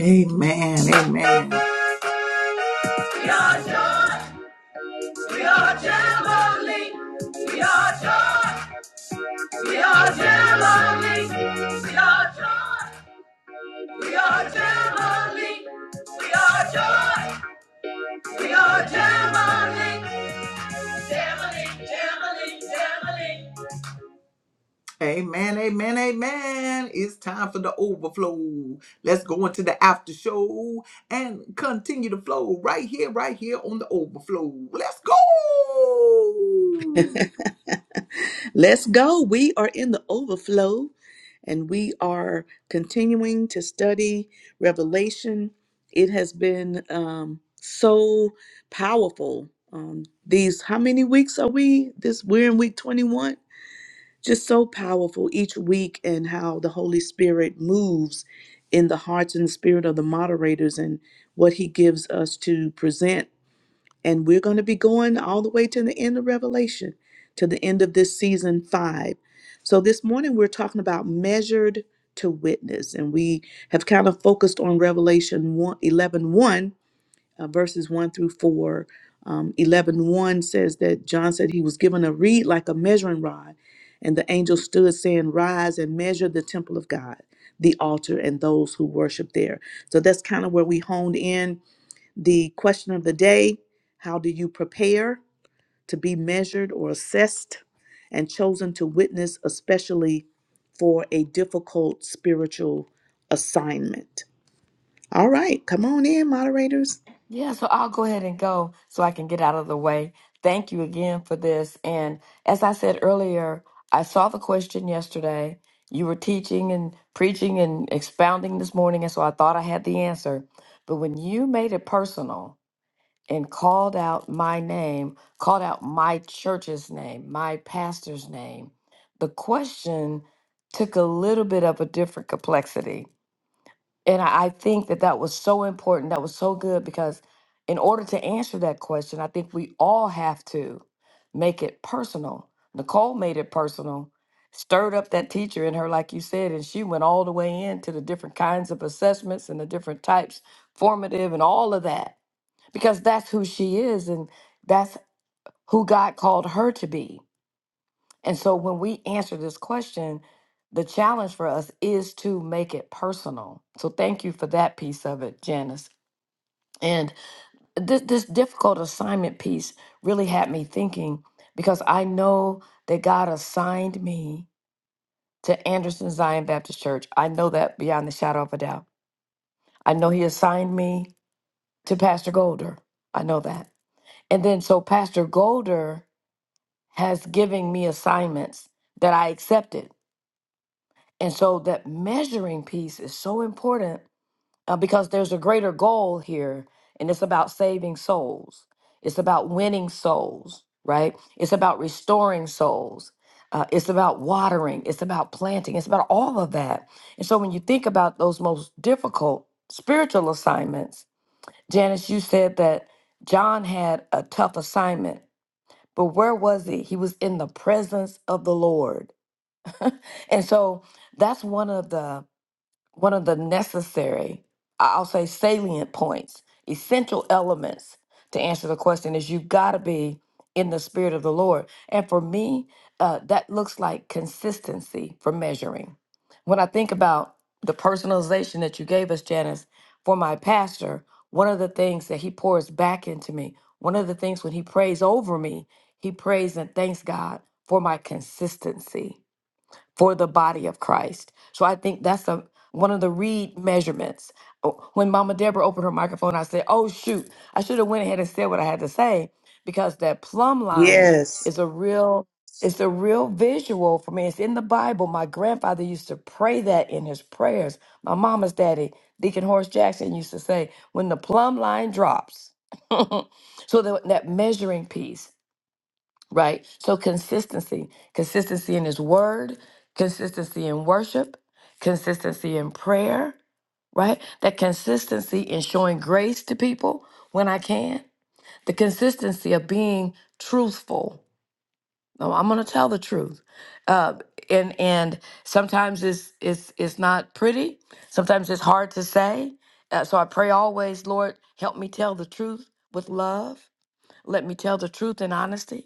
Speaker 1: Amen. Amen. We are joy. We are jubilee. We are joy. We are Jamali. We are joy. We are Jamali. We are joy. We are Jamali. Jamali, Jamali, Jamali. Amen, amen, amen. It's time for the overflow. Let's go into the after show and continue to flow right here, right here on the overflow. Let's go.
Speaker 6: Let's go. We are in the overflow and we are continuing to study Revelation. It has been um, so powerful. Um, these, how many weeks are we? This, we're in week 21. Just so powerful each week and how the Holy Spirit moves in the hearts and spirit of the moderators and what he gives us to present and we're going to be going all the way to the end of Revelation, to the end of this season five. So this morning we're talking about measured to witness. And we have kind of focused on Revelation 1, eleven, uh, verses 1 through 4. Um, 11 says that John said he was given a reed like a measuring rod. And the angel stood saying, Rise and measure the temple of God, the altar, and those who worship there. So that's kind of where we honed in the question of the day How do you prepare to be measured or assessed and chosen to witness, especially for a difficult spiritual assignment? All right, come on in, moderators.
Speaker 4: Yeah, so I'll go ahead and go so I can get out of the way. Thank you again for this. And as I said earlier, I saw the question yesterday. You were teaching and preaching and expounding this morning, and so I thought I had the answer. But when you made it personal and called out my name, called out my church's name, my pastor's name, the question took a little bit of a different complexity and I, I think that that was so important. That was so good because, in order to answer that question, I think we all have to make it personal. Nicole made it personal, stirred up that teacher in her, like you said, and she went all the way into the different kinds of assessments and the different types, formative and all of that, because that's who she is and that's who God called her to be. And so when we answer this question, the challenge for us is to make it personal. So thank you for that piece of it, Janice. And this this difficult assignment piece really had me thinking because I know that God assigned me to Anderson Zion Baptist Church. I know that beyond the shadow of a doubt. I know he assigned me to Pastor Golder. I know that. And then so Pastor Golder has given me assignments that I accepted And so that measuring piece is so important uh, because there's a greater goal here, and it's about saving souls. It's about winning souls, right? It's about restoring souls. Uh, it's about watering. It's about planting. It's about all of that. And so when you think about those most difficult spiritual assignments, Janice, you said that John had a tough assignment, but where was he? He was in the presence of the Lord. And so that's one of the one of the necessary, I- I'll say salient points, essential elements to answer the question is you've got to be in the spirit of the Lord. And for me, uh, that looks like consistency for measuring. When I think about the personalization that you gave us, Janice, for my pastor, one of the things that he pours back into me, one of the things when he prays over me, he prays and thanks God for my consistency for the body of Christ. So I think that's a one of the read measurements. Oh, When Mama Deborah opened her microphone, I said, "Oh shoot, I should have went ahead and said what I had to say because that plumb line
Speaker 6: Yes.
Speaker 4: is a real it's a real visual for me. It's in the Bible. My grandfather used to pray that in his prayers. My mama's daddy, Deacon Horace Jackson, used to say, "When the plumb line drops." so that, that measuring piece right? So consistency, consistency in his word, consistency in worship, consistency in prayer, right? That consistency in showing grace to people when I can, the consistency of being truthful. No, I'm gonna tell the truth. Uh, and and sometimes it's it's it's not pretty. Sometimes it's hard to say. Uh, so I pray always, Lord, help me tell the truth with love. Let me tell the truth in honesty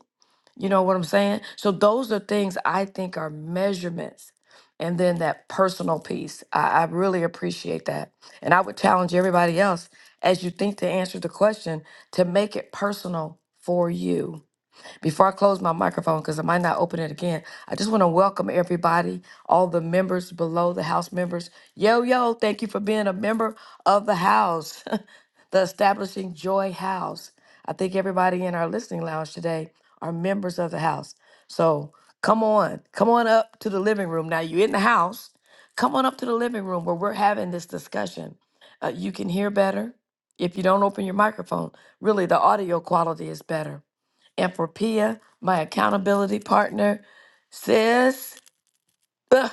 Speaker 4: you know what I'm saying? So those are things I think are measurements. And then that personal piece, I, I really appreciate that. And I would challenge everybody else as you think to answer the question to make it personal for you before I close my microphone, because I might not open it again, I just want to welcome everybody, all the members below, the house members. Yo, yo, thank you for being a member of the house, the Establishing Joy House. I think everybody in our listening lounge today are members of the house. So come on, come on up to the living room. Now you're in the house. Come on up to the living room where we're having this discussion. Uh, you can hear better if you don't open your microphone. Really, the audio quality is better and for Pia, my accountability partner. Sis, ugh,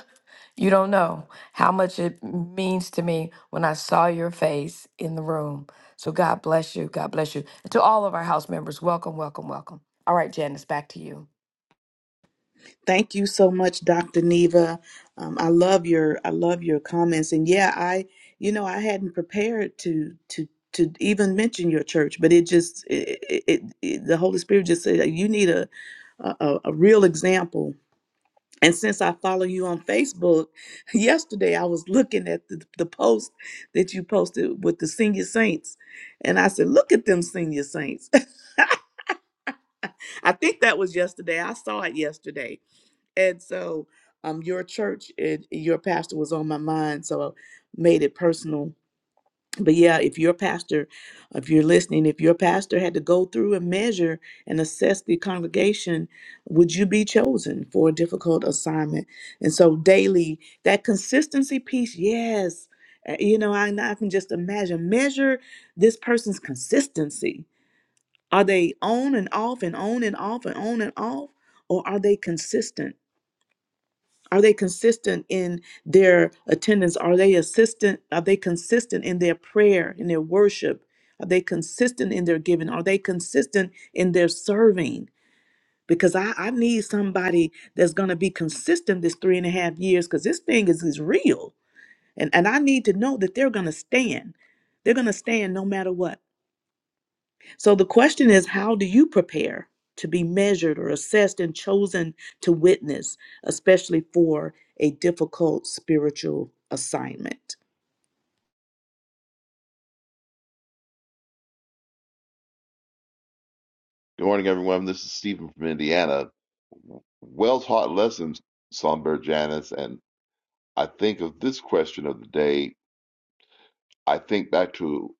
Speaker 4: you don't know how much it means to me when I saw your face in the room. So God bless you. God bless you. And to all of our house members, welcome, welcome, welcome. All right, Janice, back to you.
Speaker 6: Thank you so much, Dr. Neva. Um, I love your I love your comments, and yeah, I you know I hadn't prepared to to to even mention your church, but it just it, it, it it- the Holy Spirit just said you need a a, a a real example. And since I follow you on Facebook, yesterday I was looking at the, the post that you posted with the senior saints, and I said, "Look at them senior saints." I think that was yesterday. I saw it yesterday and so um your church and your pastor was on my mind so I made it personal but yeah if your pastor if you're listening if your pastor had to go through and measure and assess the congregation would you be chosen for a difficult assignment and so daily that consistency piece yes Uh, you know i, I can just imagine measure this person's consistency are they on and off and on and off and on and off or are they consistent are they consistent in their attendance? Are they assistant? Are they consistent in their prayer, in their worship? Are they consistent in their giving? Are they consistent in their serving? Because I, I need somebody that's gonna be consistent this three and a half years because this thing is, is real. And and I need to know that they're gonna stand. They're gonna stand no matter what. So the question is how do you prepare to be measured or assessed and chosen to witness, especially for a difficult spiritual assignment?
Speaker 8: Good morning, everyone. This is Stephen from Indiana. Well taught lessons, Songbird Janice. And I think of this question of the day. I think back to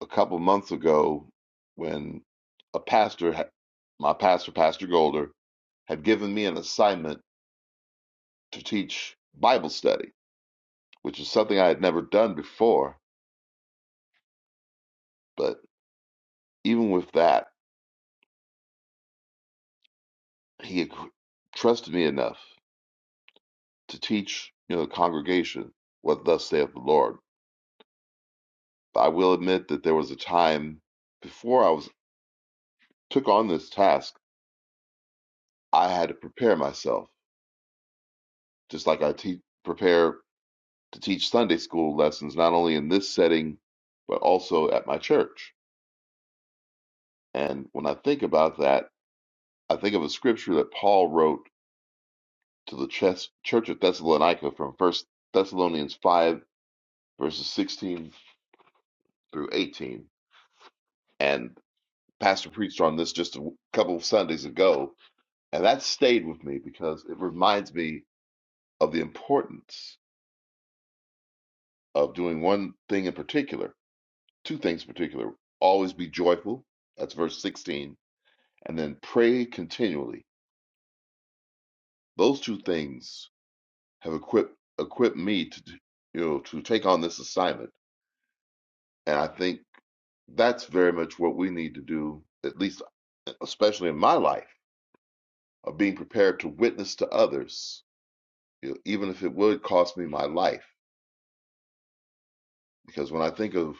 Speaker 8: a couple months ago when a pastor, had- my pastor, Pastor Golder, had given me an assignment to teach Bible study, which is something I had never done before. But even with that, he had trusted me enough to teach you know, the congregation what thus saith the Lord I will admit that there was a time before I was took on this task, I had to prepare myself, just like I te- prepare to teach Sunday school lessons, not only in this setting, but also at my church. And when I think about that, I think of a scripture that Paul wrote to the church church of Thessalonica from First Thessalonians 5, verses 16 through 18. And Pastor preached on this just a couple of Sundays ago. And that stayed with me because it reminds me of the importance of doing one thing in particular, two things in particular. Always be joyful. That's verse 16. And then pray continually. Those two things have equipped equipped me to you know to take on this assignment. And I think that's very much what we need to do, at least e, especially in my life, of being prepared to witness to others, you know, even if it would cost me my life. Because when I think of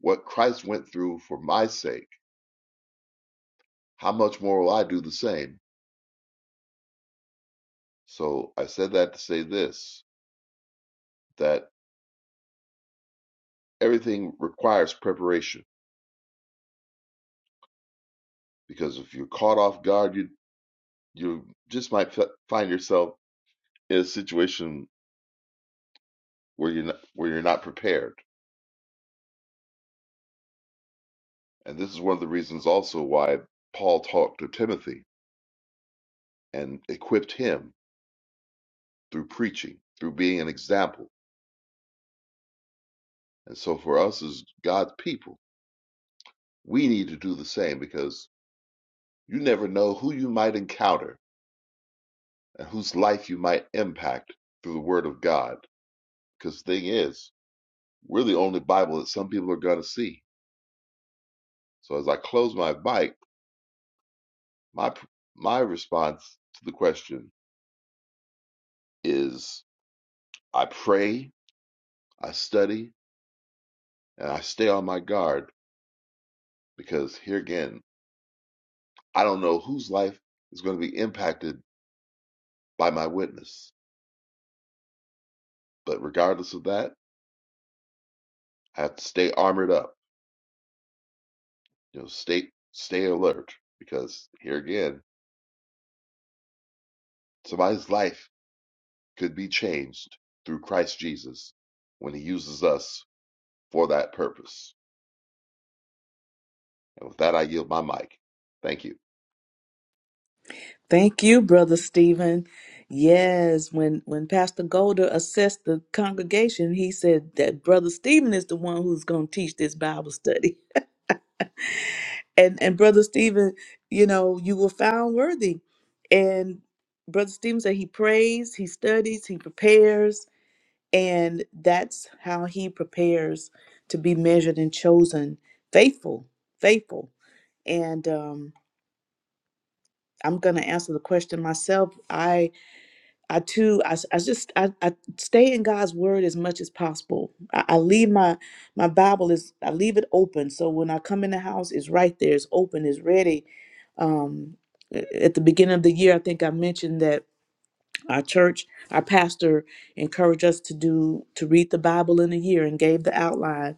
Speaker 8: what Christ went through for my sake, how much more will I do the same? So I said that to say this that everything requires preparation because if you're caught off guard, you you just might fi- find yourself in a situation where you're not, where you're not prepared. And this is one of the reasons also why Paul talked to Timothy and equipped him through preaching, through being an example. And so for us as God's people, we need to do the same because you never know who you might encounter and whose life you might impact through the Word of God. Because the thing is, we're the only Bible that some people are going to see. So as I close my mic, my my response to the question is: I pray, I study, and I stay on my guard because here again, I don't know whose life is going to be impacted by my witness. But regardless of that, I have to stay armored up. You know, stay stay alert because here again, somebody's life could be changed through Christ Jesus when he uses us for that purpose. And with that, I yield my mic. Thank you. Of
Speaker 6: Thank you, Brother Stephen. Yes, when, when Pastor Golder assessed the congregation, he said that Brother Stephen is the one who's going to teach this Bible study. And, and Brother Stephen, you know, you were found worthy. And Brother Stephen said he prays, he studies, he prepares, And that's how he prepares to be measured and chosen. Faithful, faithful. And um, I'm going to answer the question myself. I, I too, I, s- I just, I, I stay in God's word as much as possible. I, I leave my, my Bible is, I leave it open. So when I come in the house, it's right there. It's open. It's ready. Um, a- at the beginning of the year, I think I mentioned that our church, our pastor encouraged us to do to read the Bible in a year and gave the outline.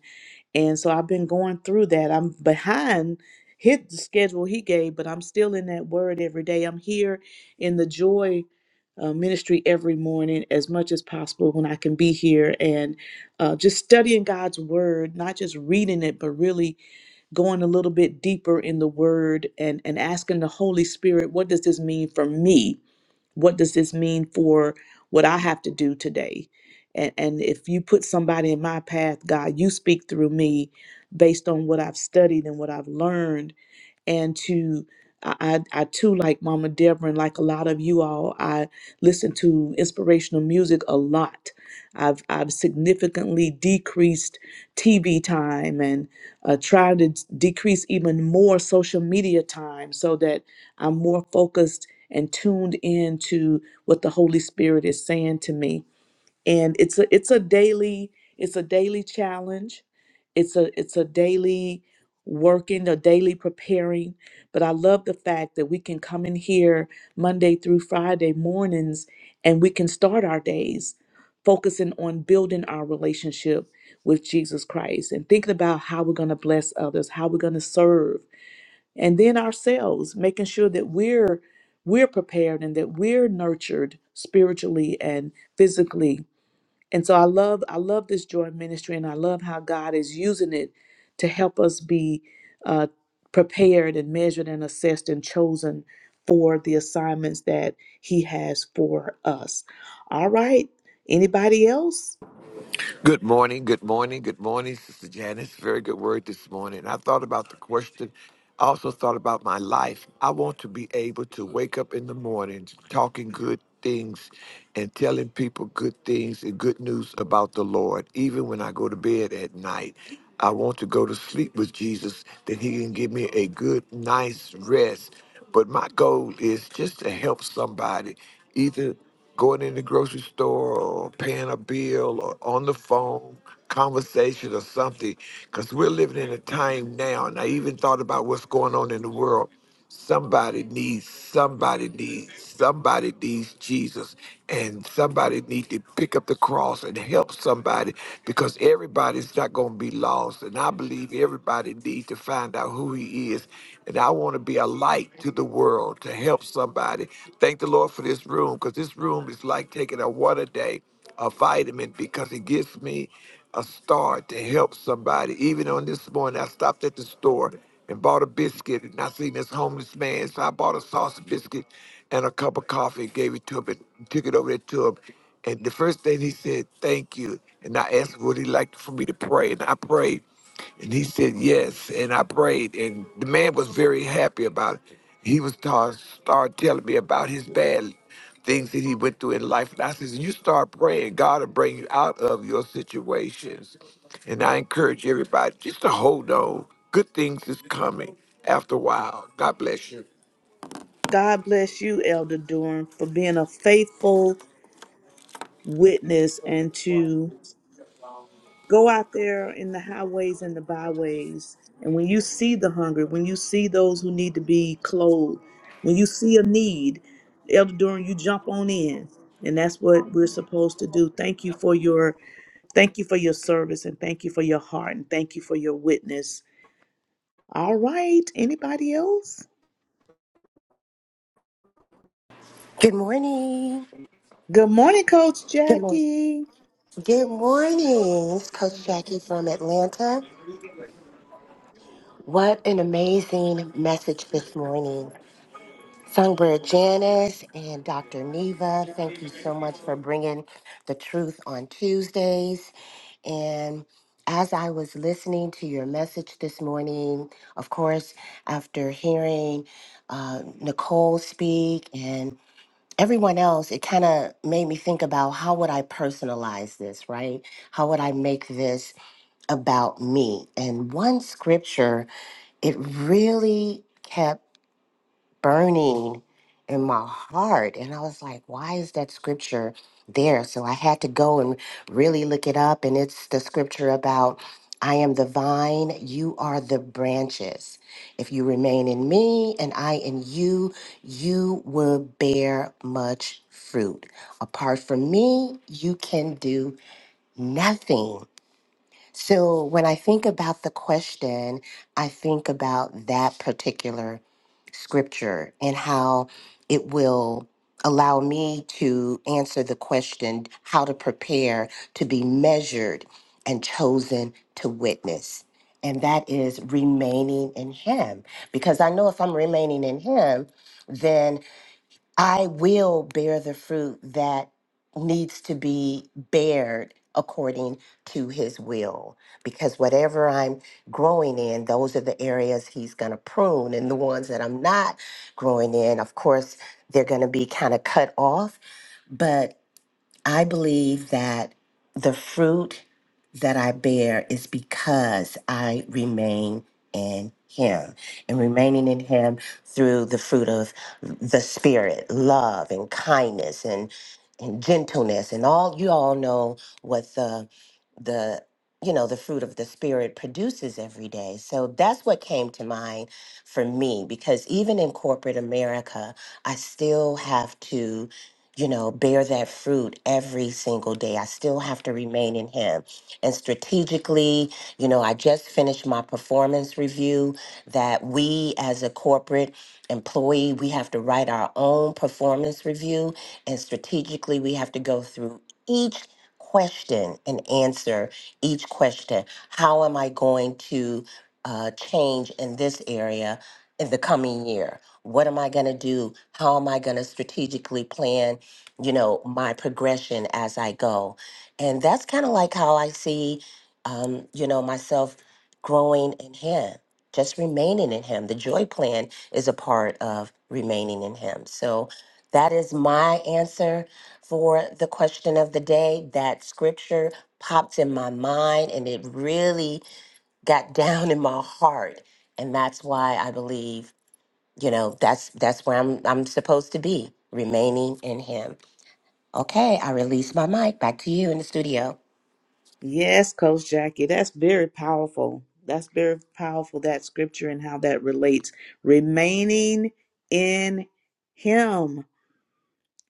Speaker 6: And so I've been going through that. I'm behind hit the schedule he gave, but I'm still in that word every day. I'm here in the joy uh, ministry every morning as much as possible when I can be here and uh, just studying God's word, not just reading it, but really going a little bit deeper in the word and, and asking the Holy Spirit, what does this mean for me? what does this mean for what I have to do today? And, and if you put somebody in my path, God, you speak through me based on what I've studied and what I've learned and to I, I I too like Mama Deborah and like a lot of you all, I listen to inspirational music a lot. I've I've significantly decreased TV time and uh, tried to decrease even more social media time so that I'm more focused and tuned in to what the Holy Spirit is saying to me and it's a it's a daily it's a daily challenge it's a it's a daily working a daily preparing but i love the fact that we can come in here monday through friday mornings and we can start our days focusing on building our relationship with jesus christ and thinking about how we're going to bless others how we're going to serve and then ourselves making sure that we're we're prepared and that we're nurtured spiritually and physically and so I love I love this joy ministry, and I love how God is using it to help us be uh, prepared and measured and assessed and chosen for the assignments that He has for us. All right, anybody else?
Speaker 9: Good morning, good morning, good morning, Sister Janice. Very good word this morning. I thought about the question. I also thought about my life. I want to be able to wake up in the morning talking good things and telling people good things and good news about the Lord, even when I go to bed at night. I want to go to sleep with Jesus that he can give me a good, nice rest. But my goal is just to help somebody, either going in the grocery store or paying a bill or on the phone conversation or something because we're living in a time now and i even thought about what's going on in the world somebody needs somebody needs somebody needs jesus and somebody needs to pick up the cross and help somebody because everybody's not going to be lost and i believe everybody needs to find out who who he is. And I want to be a light to the world to help somebody. Thank the Lord for this room because this room is like taking a water day, a vitamin, because it gives me a start to help somebody. Even on this morning, I stopped at the store and bought a biscuit and I seen this homeless man. So I bought a sausage biscuit and a cup of coffee and gave it to him and took it over there to him. And the first thing he said, thank you. And I asked, would he like for me to pray? And I prayed. And he said, Yes. And I prayed, and the man was very happy about it. He was start start telling me about his bad things that he went through in life. And I says, You start praying, God will bring you out of your situations. And I encourage everybody just to hold on. Good things is coming after a while. God bless you.
Speaker 6: God bless you, Elder Durham, for being a faithful witness and to go out there in the highways and the byways and when you see the hungry when you see those who need to be clothed when you see a need elder durham you jump on in and that's what we're supposed to do thank you for your thank you for your service and thank you for your heart and thank you for your witness all right anybody else
Speaker 5: Good morning.
Speaker 6: good morning coach
Speaker 5: Good morning.
Speaker 6: jackie
Speaker 5: Good morning. It's Coach Jackie from Atlanta. What an amazing message this morning. Songbird Janice and Dr. Neva, thank you so much for bringing the truth on Tuesdays. And as I was listening to your message this morning, of course, after hearing uh, Nicole speak everyone else, it kind of made me think about how would I personalize this, right? How would I make this about me? And one scripture, it really kept burning in my heart. And I was like, why is that scripture there? So I had to go and really look it up. And it's the scripture about, I am the vine, you are the branches. If you remain in me and I in you, you will bear much fruit. Apart from me, you can do nothing. So when I think about the question, I think about that particular scripture and how it will allow me to answer the question how to prepare to be measured and chosen to witness. And that is remaining in Him. Because I know if I'm remaining in Him, then I will bear the fruit that needs to be bared according to his will. Because whatever I'm growing in, those are the areas he's going to prune. And the ones that I'm not growing in, of course, they're going to be kind of cut off. But. I believe that the fruit that I bear is because I remain in Him and remaining in Him through the fruit of the Spirit, love and kindness and, and gentleness. And all you all know what the, the, you know, the fruit of the Spirit produces every day. So that's what came to mind for me because even in corporate America, I still have to you know, bear that fruit every single day. I still have to remain in Him. And strategically, you know, I just finished my performance review that we as a corporate employee, we have to write our own performance review. And strategically, we have to go through each question and answer each question. How am I going to uh, change in this area in the coming year? What am I going to do? How am I going to strategically plan? you know my progression as i go and that's kind of like how i see um you know myself growing in him just remaining in him the joy plan is a part of remaining in him so that is my answer for the question of the day that scripture popped in my mind and it really got down in my heart and that's why i believe you know that's that's where i'm i'm supposed to be remaining in him Okay, I release my mic. Back to you in the studio.
Speaker 6: Yes, Coach Jackie, that's very powerful. That's very powerful, that scripture and how that relates. Remaining in Him.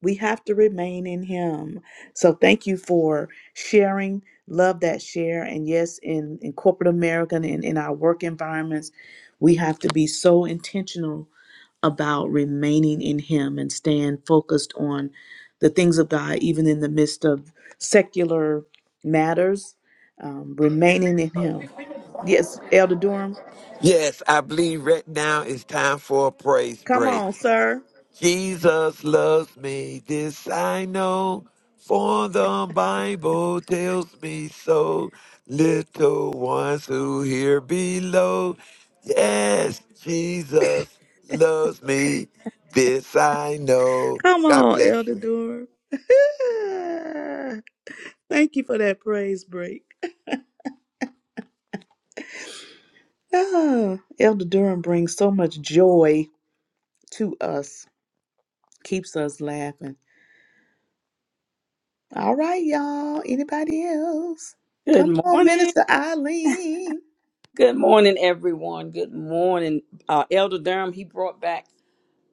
Speaker 6: We have to remain in Him. So thank you for sharing. Love that share. And yes, in, in corporate America and in, in our work environments, we have to be so intentional about remaining in Him and staying focused on the things of God, even in the midst of secular matters, um, remaining in Him. Yes, Elder Durham.
Speaker 9: Yes, I believe right now it's time for a praise
Speaker 6: Come
Speaker 9: break.
Speaker 6: on, sir.
Speaker 9: Jesus loves me, this I know, for the Bible tells me so. Little ones who hear below, yes, Jesus loves me, this I know.
Speaker 6: Come
Speaker 9: God
Speaker 6: on,
Speaker 9: bless
Speaker 6: Elder
Speaker 9: you.
Speaker 6: Durham. Thank you for that praise break. Ah, Elder Durham brings so much joy to us, keeps us laughing. All right, y'all. Anybody else?
Speaker 10: Good
Speaker 6: Come on,
Speaker 10: morning.
Speaker 6: Minister Eileen.
Speaker 10: Good morning, everyone. Good morning. Uh, Elder Durham, he brought back,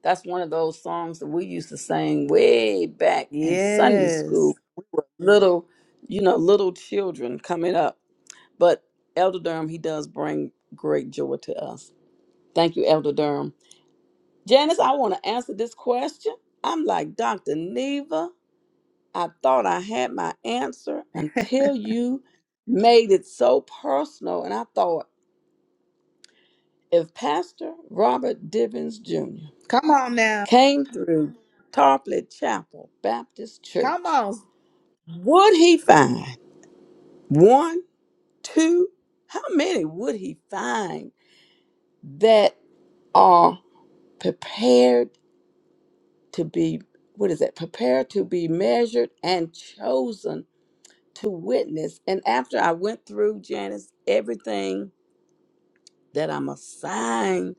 Speaker 10: that's one of those songs that we used to sing way back in Sunday
Speaker 6: Yes.
Speaker 10: school. We were little, you know, little children coming up. But Elder Durham, he does bring great joy to us. Thank you, Elder Durham. Janice, I want to answer this question. I'm like Dr. Neva. I thought I had my answer until you made it so personal. And I thought, If Pastor Robert Divins Jr.
Speaker 6: Come on now.
Speaker 10: came through Tarpley Chapel Baptist
Speaker 6: Come
Speaker 10: Church,
Speaker 6: on.
Speaker 10: would he find one, two, how many would he find that are prepared to be, what is that, prepared to be measured and chosen to witness? And after I went through, Janice, everything that I'm assigned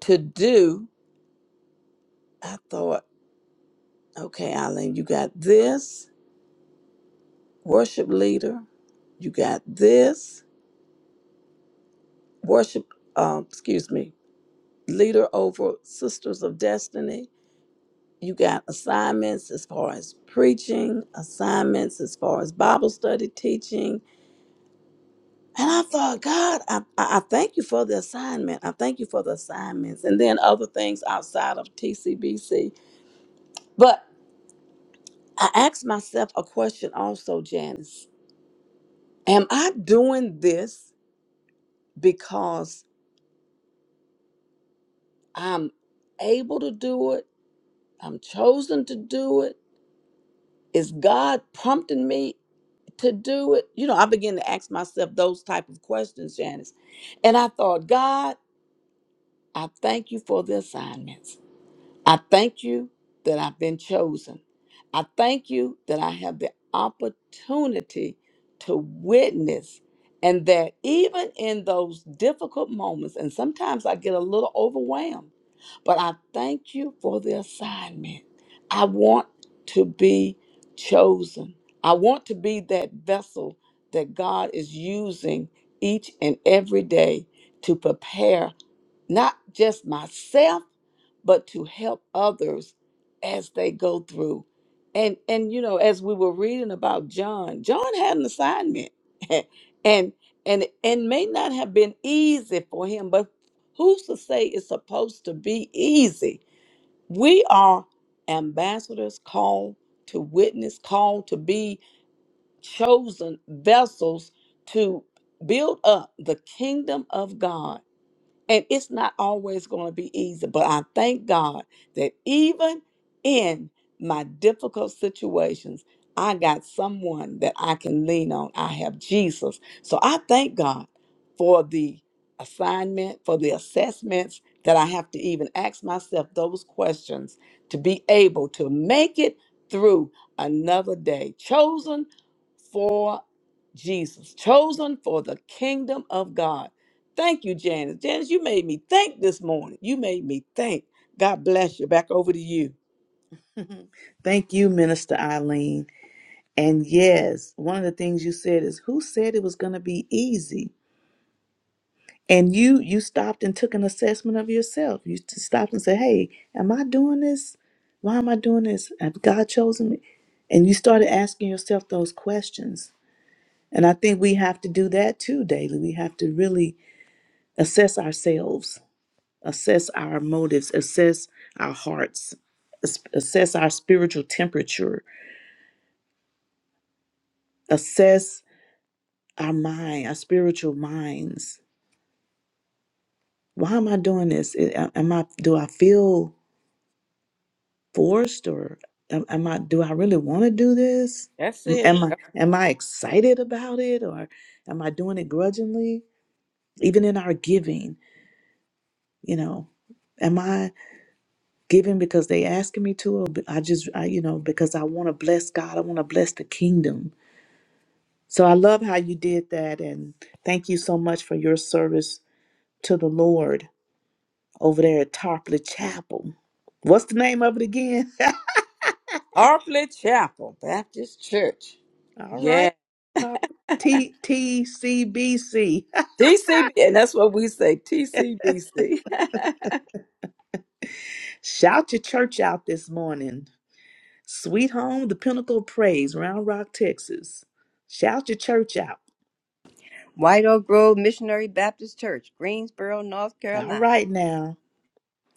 Speaker 10: to do, I thought, okay, Eileen, you got this worship leader. You got this worship, um, excuse me, leader over Sisters of Destiny. You got assignments as far as preaching, assignments as far as Bible study teaching. And I thought, God, I, I I thank you for the assignment. I thank you for the assignments. And then other things outside of TCBC. But I asked myself a question also, Janice. Am I doing this because I'm able to do it? I'm chosen to do it? Is God prompting me to do it? You know, I began to ask myself those type of questions, Janice. And I thought, God, I thank you for the assignments. I thank you that I've been chosen. I thank you that I have the opportunity to witness and that even in those difficult moments, and sometimes I get a little overwhelmed, but I thank you for the assignment. I want to be chosen. I want to be that vessel that God is using each and every day to prepare not just myself but to help others as they go through. And and you know, as we were reading about John, John had an assignment. and and and may not have been easy for him, but who's to say it's supposed to be easy? We are ambassadors called to witness, called to be chosen vessels to build up the kingdom of God and it's not always going to be easy, but I thank God that even in my difficult situations, I got someone that I can lean on. I have Jesus. So I thank God for the assignment, for the assessments that I have to even ask myself those questions to be able to make it through another day. Chosen for Jesus, chosen for the kingdom of God. Thank you, Janice. Janice, you made me think this morning. You made me think. God bless you. Back over to you.
Speaker 6: Thank you, Minister Eileen. And yes, one of the things you said is who said it was going to be easy? And you you stopped and took an assessment of yourself. You t- stopped and said, "Hey, am I doing this? Why am I doing this? Have God chosen me?" And you started asking yourself those questions. And I think we have to do that too daily. We have to really assess ourselves assess our motives, assess our hearts, as- assess our spiritual temperature, assess our mind, our spiritual minds. Why am I doing this? Am am I do I feel forced or am, am I do I really want to do this?
Speaker 10: That's
Speaker 6: Am
Speaker 10: it.
Speaker 6: I am I excited about it or am I doing it grudgingly? Even in our giving, you know, am I giving because they asking me to or be- I just I, you know because I want to bless God, I want to bless the kingdom So I love how you did that. And thank you so much for your service to the Lord over there at Tarpley Chapel. What's the name of it again?
Speaker 10: Arfley Chapel Baptist Church.
Speaker 6: All
Speaker 10: Yeah.
Speaker 6: right. Top T T C B C.
Speaker 10: TCB. And that's what we say TCBC.
Speaker 6: Shout your church out this morning. Sweet home, the pinnacle of praise, Round Rock, Texas. Shout your church out.
Speaker 7: White Oak Grove Missionary Baptist Church, Greensboro, North
Speaker 6: All
Speaker 7: Carolina.
Speaker 6: right now.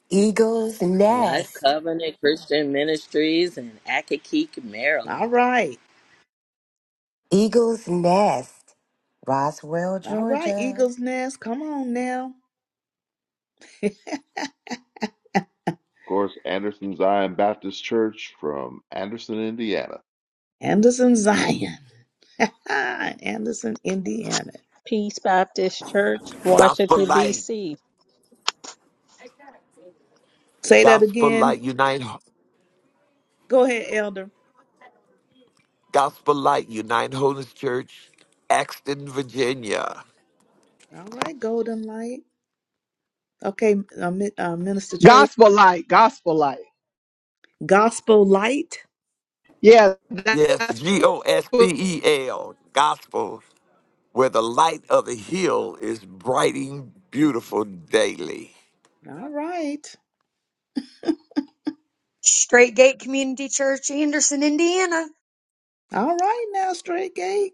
Speaker 5: Eagle's
Speaker 3: Life
Speaker 5: Nest.
Speaker 3: Covenant Christian Ministries in Akakeek, Maryland.
Speaker 6: All right.
Speaker 5: Eagle's Nest. Roswell,
Speaker 6: All right,
Speaker 5: Georgia.
Speaker 6: Eagles Nest. Come on now.
Speaker 8: course, Anderson Zion Baptist Church from Anderson, Indiana.
Speaker 6: Anderson Zion. Anderson, Indiana.
Speaker 2: Peace Baptist Church,
Speaker 9: Gospel
Speaker 2: Washington,
Speaker 9: Light,
Speaker 2: D.C.
Speaker 6: Say that
Speaker 9: Gospel
Speaker 6: again.
Speaker 9: Light Unite,
Speaker 6: Go ahead, Elder.
Speaker 9: Gospel Light Unite Holiness Church, Axton, Virginia.
Speaker 6: All right, Golden Light. Okay, uh, Mi- uh, Minister Tracy, Gospel Light.
Speaker 9: Yes, G O S P E L, Gospel. where the light of the hill is brighting beautiful daily.
Speaker 6: All right.
Speaker 11: Straight Gate Community Church, Anderson, Indiana.
Speaker 6: All right, now, Straight Gate.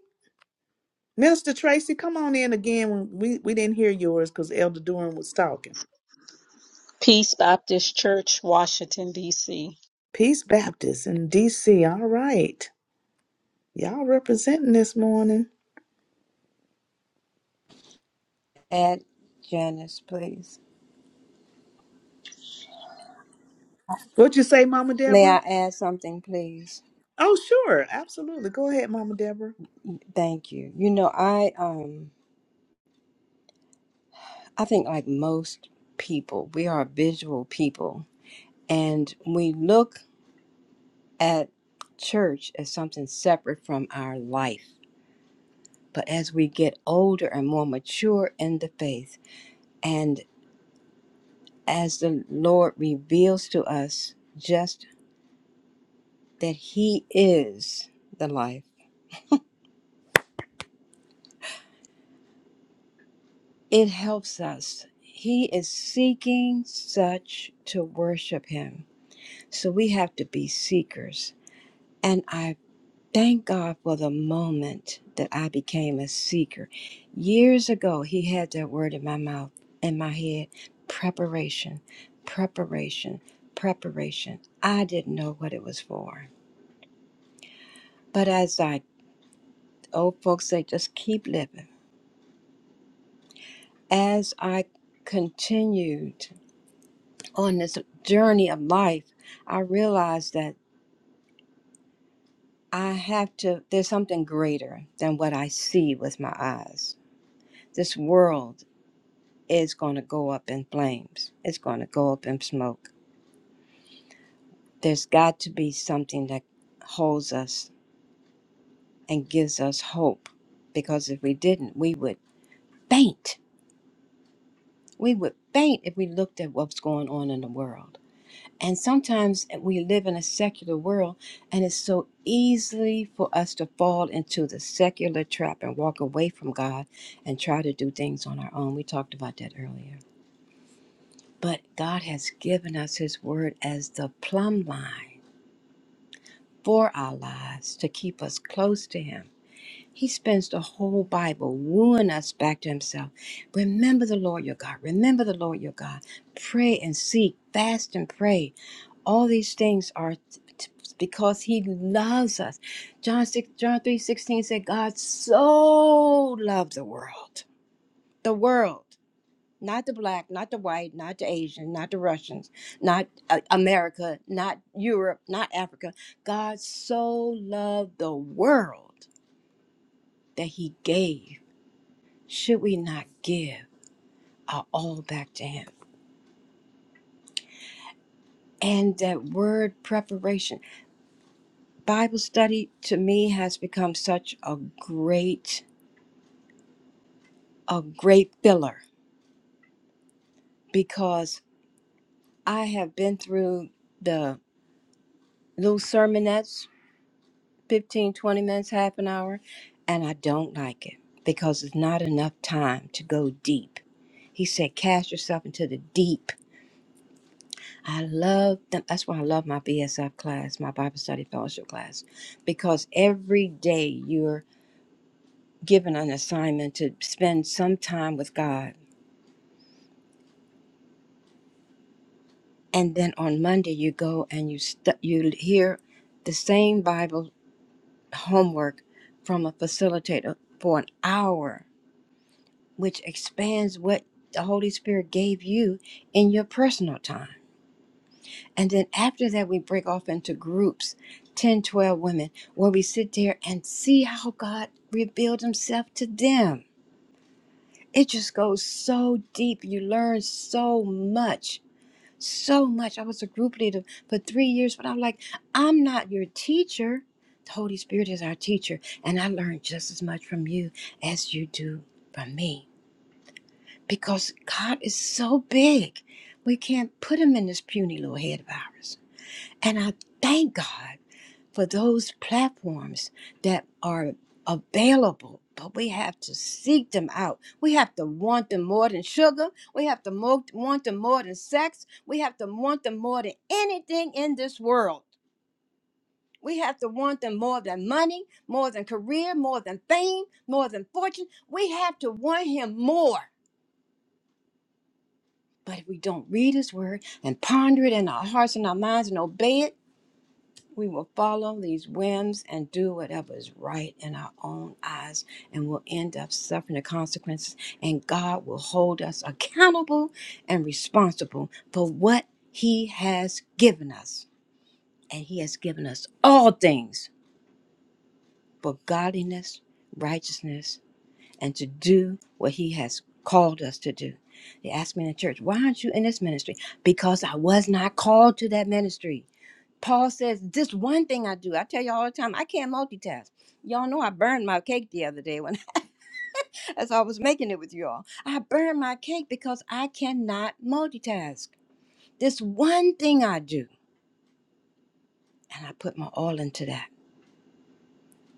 Speaker 6: Minister Tracy, come on in again. When we, we didn't hear yours because Elder Durham was talking.
Speaker 2: Peace Baptist Church, Washington, D.C.
Speaker 6: Peace Baptist in D.C. All right. Y'all representing this morning.
Speaker 7: Add Janice, please.
Speaker 6: What'd you say, Mama
Speaker 7: May
Speaker 6: Deborah?
Speaker 7: I add something, please?
Speaker 6: Oh, sure. Absolutely. Go ahead, Mama Deborah.
Speaker 7: Thank you. You know, I um I think like most people, we are visual people And we look at church as something separate from our life. But as we get older and more mature in the faith, and as the Lord reveals to us just that He is the life, it helps us. He is seeking such to worship Him. So we have to be seekers. And I Thank God for the moment that I became a seeker. Years ago, He had that word in my mouth, in my head preparation, preparation, preparation. I didn't know what it was for. But as I, old folks say, just keep living. As I continued on this journey of life, I realized that I have to, there's something greater than what I see with my eyes. This world is going to go up in flames. It's going to go up in smoke. There's got to be something that holds us and gives us hope because if we didn't, we would faint. We would faint if we looked at what's going on in the world. And sometimes we live in a secular world and it's so easily for us to fall into the secular trap and walk away from God and try to do things on our own. We talked about that earlier. But God has given us His Word as the plumb line for our lives to keep us close to Him. He spends the whole Bible wooing us back to Himself. Remember the Lord your God. Remember the Lord your God. Pray and seek, fast and pray. All these things are t- t- because He loves us. John six, John three sixteen said, "God so loved the world, the world." not the black, not the white, not the Asian, not the Russians, not uh, America, not Europe, not Africa. God so loved the world that he gave. Should we not give our all back to him? And that word preparation, Bible study to me has become such a great, a great filler because I have been through the little sermonettes 15, 20 minutes, half an hour, and I don't like it because it's not enough time to go deep. He said, cast yourself into the deep. I love them. That's why I love my BSF class, my Bible study fellowship class, because every day you're given an assignment to spend some time with God. And then on Monday, you go and you, stu you hear the same Bible homework from a facilitator for an hour which expands what the Holy Spirit gave you in your personal time. And then after that, we break off into groups 10, 12 women where we sit there and see how God revealed Himself to them. It just goes so deep. You learn so much. So much. I was a group leader for three years, but I'm like, I'm not your teacher. The Holy Spirit is our teacher, and I learned just as much from you as you do from me. because God is so big. We can't put him in this puny little head of ours. And I thank God for those platforms that are available, but we have to seek them out. We have to want them more than sugar. We have to mo- want them more than sex. We have to want them more than anything in this world. We have to want them more than money, more than career, more than fame, more than fortune. We have to want him more But if we don't read His Word and ponder it in our hearts and our minds and obey it, we will follow these whims and do whatever is right in our own eyes, and we'll end up suffering the consequences. And God will hold us accountable and responsible for what He has given us. And He has given us all things for godliness, righteousness, and to do what He has called us to do. They asked me in the church, Why aren't you in this ministry? Because I was not called to that ministry. Paul says, This one thing I do. I tell you all the time, I can't multitask. Y'all know I burned my cake the other day when as I was making it with you all. I burned my cake because I cannot multitask. This one thing I do, and I put my all into that.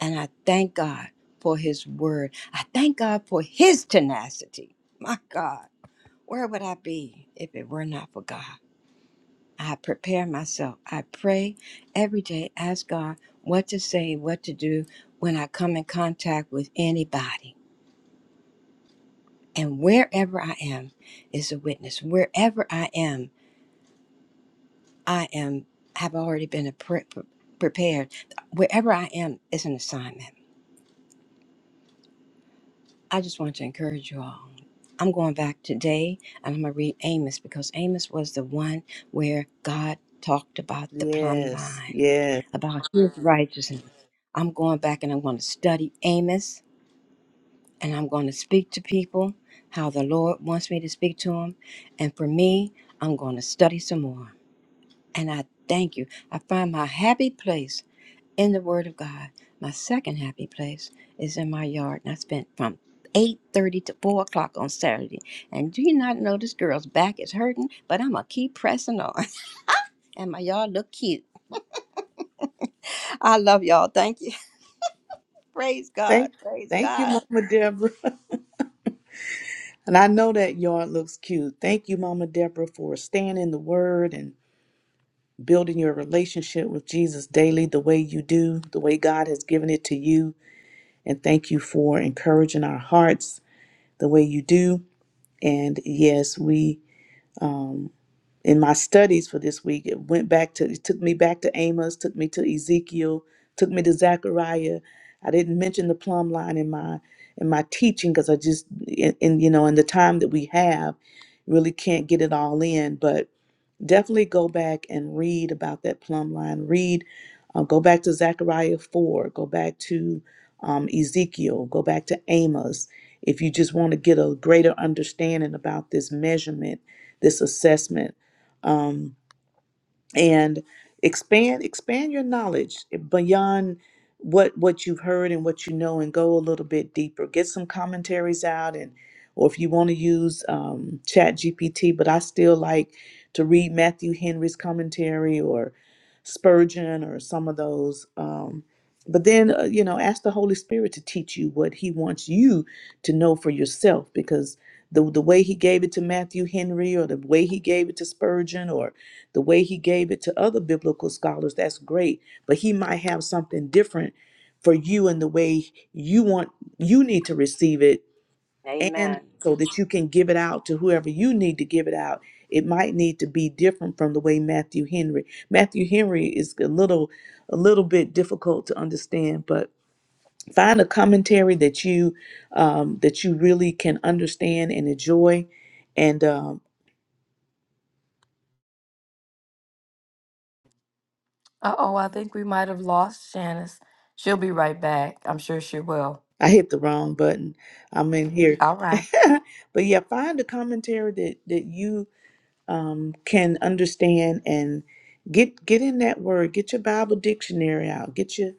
Speaker 7: And I thank God for his word. I thank God for his tenacity. My God. Where would I be if it were not for God? I prepare myself. I pray every day, ask God what to say, what to do when I come in contact with anybody. And wherever I am is a witness. Wherever I am, I am have already been a pre- pre- prepared. Wherever I am is an assignment. I just want to encourage you all. I'm going back today and I'm going to read Amos because Amos was the one where God talked about the plumb
Speaker 6: Yes.
Speaker 7: line
Speaker 6: Yes.
Speaker 7: about his righteousness. I'm going back and I'm going to study Amos and I'm going to speak to people how the Lord wants me to speak to them. And for me, I'm going to study some more. And I thank you. I find my happy place in the Word of God. My second happy place is in my yard. And I spent from 8.30 to 4 o'clock on Saturday. And do you not know this girl's back is hurting? But I'm going to keep pressing on. And my yard look cute. I love y'all. Thank you. Praise God.
Speaker 6: Thank,
Speaker 7: Praise
Speaker 6: thank you,
Speaker 7: God.
Speaker 6: Mama Deborah. And I know that yard looks cute. Thank you, Mama Deborah, for staying in the Word and building your relationship with Jesus daily the way you do, the way God has given it to you. And thank you for encouraging our hearts the way you do. And yes, we um, in my studies for this week, it went back to, it took me back to Amos, took me to Ezekiel, took me to Zechariah. I didn't mention the plumb line in my in my teaching because I just in, in you know in the time that we have, really can't get it all in. But definitely go back and read about that plumb line. Read, uh, go back to Zechariah 4, go back to um, Ezekiel, go back to Amos. If you just want to get a greater understanding about this measurement, this assessment, um, and expand expand your knowledge beyond what what you've heard and what you know and go a little bit deeper get some commentaries out and or if you want to use um, chat gpt but i still like to read matthew henry's commentary or spurgeon or some of those um, but then uh, you know ask the holy spirit to teach you what he wants you to know for yourself because the, the way he gave it to matthew henry or the way he gave it to spurgeon or the way he gave it to other biblical scholars, that's great, but he might have something different for you in the way you want you need to receive it and
Speaker 7: Amen.
Speaker 6: so that you can give it out to whoever you need to give it out. It might need to be different from the way Matthew Henry. Matthew Henry is a little a little bit difficult to understand, but find a commentary that you um, that you really can understand and enjoy, and um,
Speaker 4: Uh oh, I think we might have lost Janice. She'll be right back. I'm sure she will.
Speaker 6: I hit the wrong button. I'm in here.
Speaker 4: All right.
Speaker 6: but yeah, find a commentary that that you um, can understand and get get in that word. Get your Bible dictionary out. Get your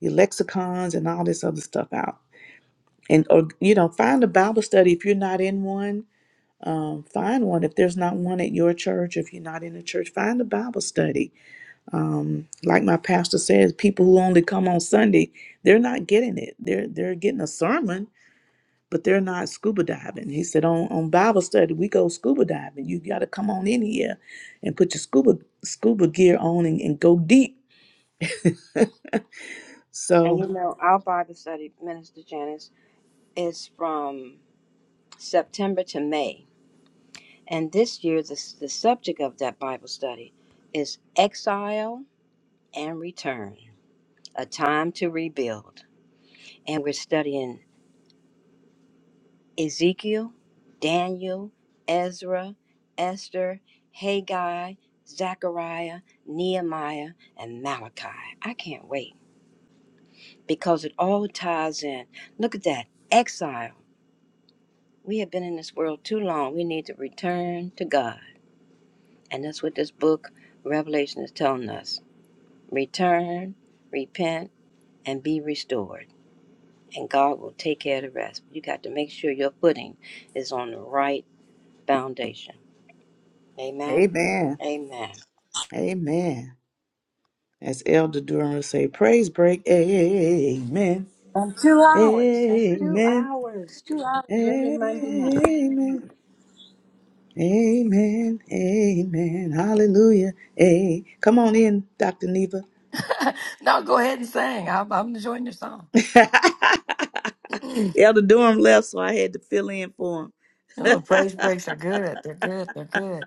Speaker 6: your lexicons and all this other stuff out. And or you know, find a Bible study if you're not in one. Um, find one if there's not one at your church. If you're not in a church, find a Bible study. Um, like my pastor says, people who only come on Sunday, they're not getting it. They're they're getting a sermon but they're not scuba diving. He said, on, on Bible study, we go scuba diving. You got to come on in here and put your scuba scuba gear on and, and go deep.
Speaker 7: And you
Speaker 6: So,
Speaker 7: know, our Bible study, Minister Janice, is from September to May. And this year, the, the subject of that Bible study is exile and return, a time to rebuild. And we're studying Ezekiel, Daniel, Ezra, Esther, Haggai, Zechariah, Nehemiah, and Malachi. I can't wait because it all ties in. Look at that exile We have been in this world too long. We need to return to God. And that's what this book, Revelation, is telling us. Return, repent, and be restored. And God will take care of the rest. You got to make sure your footing is on the right foundation. Amen.
Speaker 6: amen.
Speaker 7: Amen.
Speaker 6: Amen. As Elder Durham say, praise break. Amen.
Speaker 7: Um, two hours. Two
Speaker 6: Amen.
Speaker 7: hours. Two hours every Monday night.
Speaker 6: Amen. Amen. Amen. Hallelujah. Hey, come on in, Dr. Neva.
Speaker 4: no, go ahead and sing. I'm, I'm enjoying your song. you
Speaker 6: Elder Durham left, so I had to fill in for
Speaker 4: know, praise breaks are good. They're good. They're good.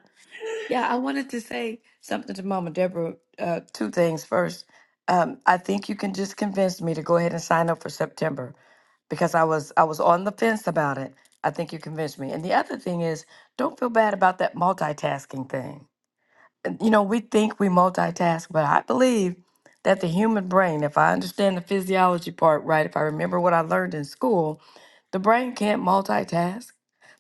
Speaker 4: Yeah, I wanted to say something to Mama Deborah. Uh, two things. First, um, I think you can just convince me to go ahead and sign up for September because I was I was on the fence about it. I think you convinced me. And the other thing is, don't feel bad about that multitasking thing. And, You know, we think we multitask, but I believe that the human brain, if I understand the physiology part right, if I remember what I learned in school, the brain can't multitask.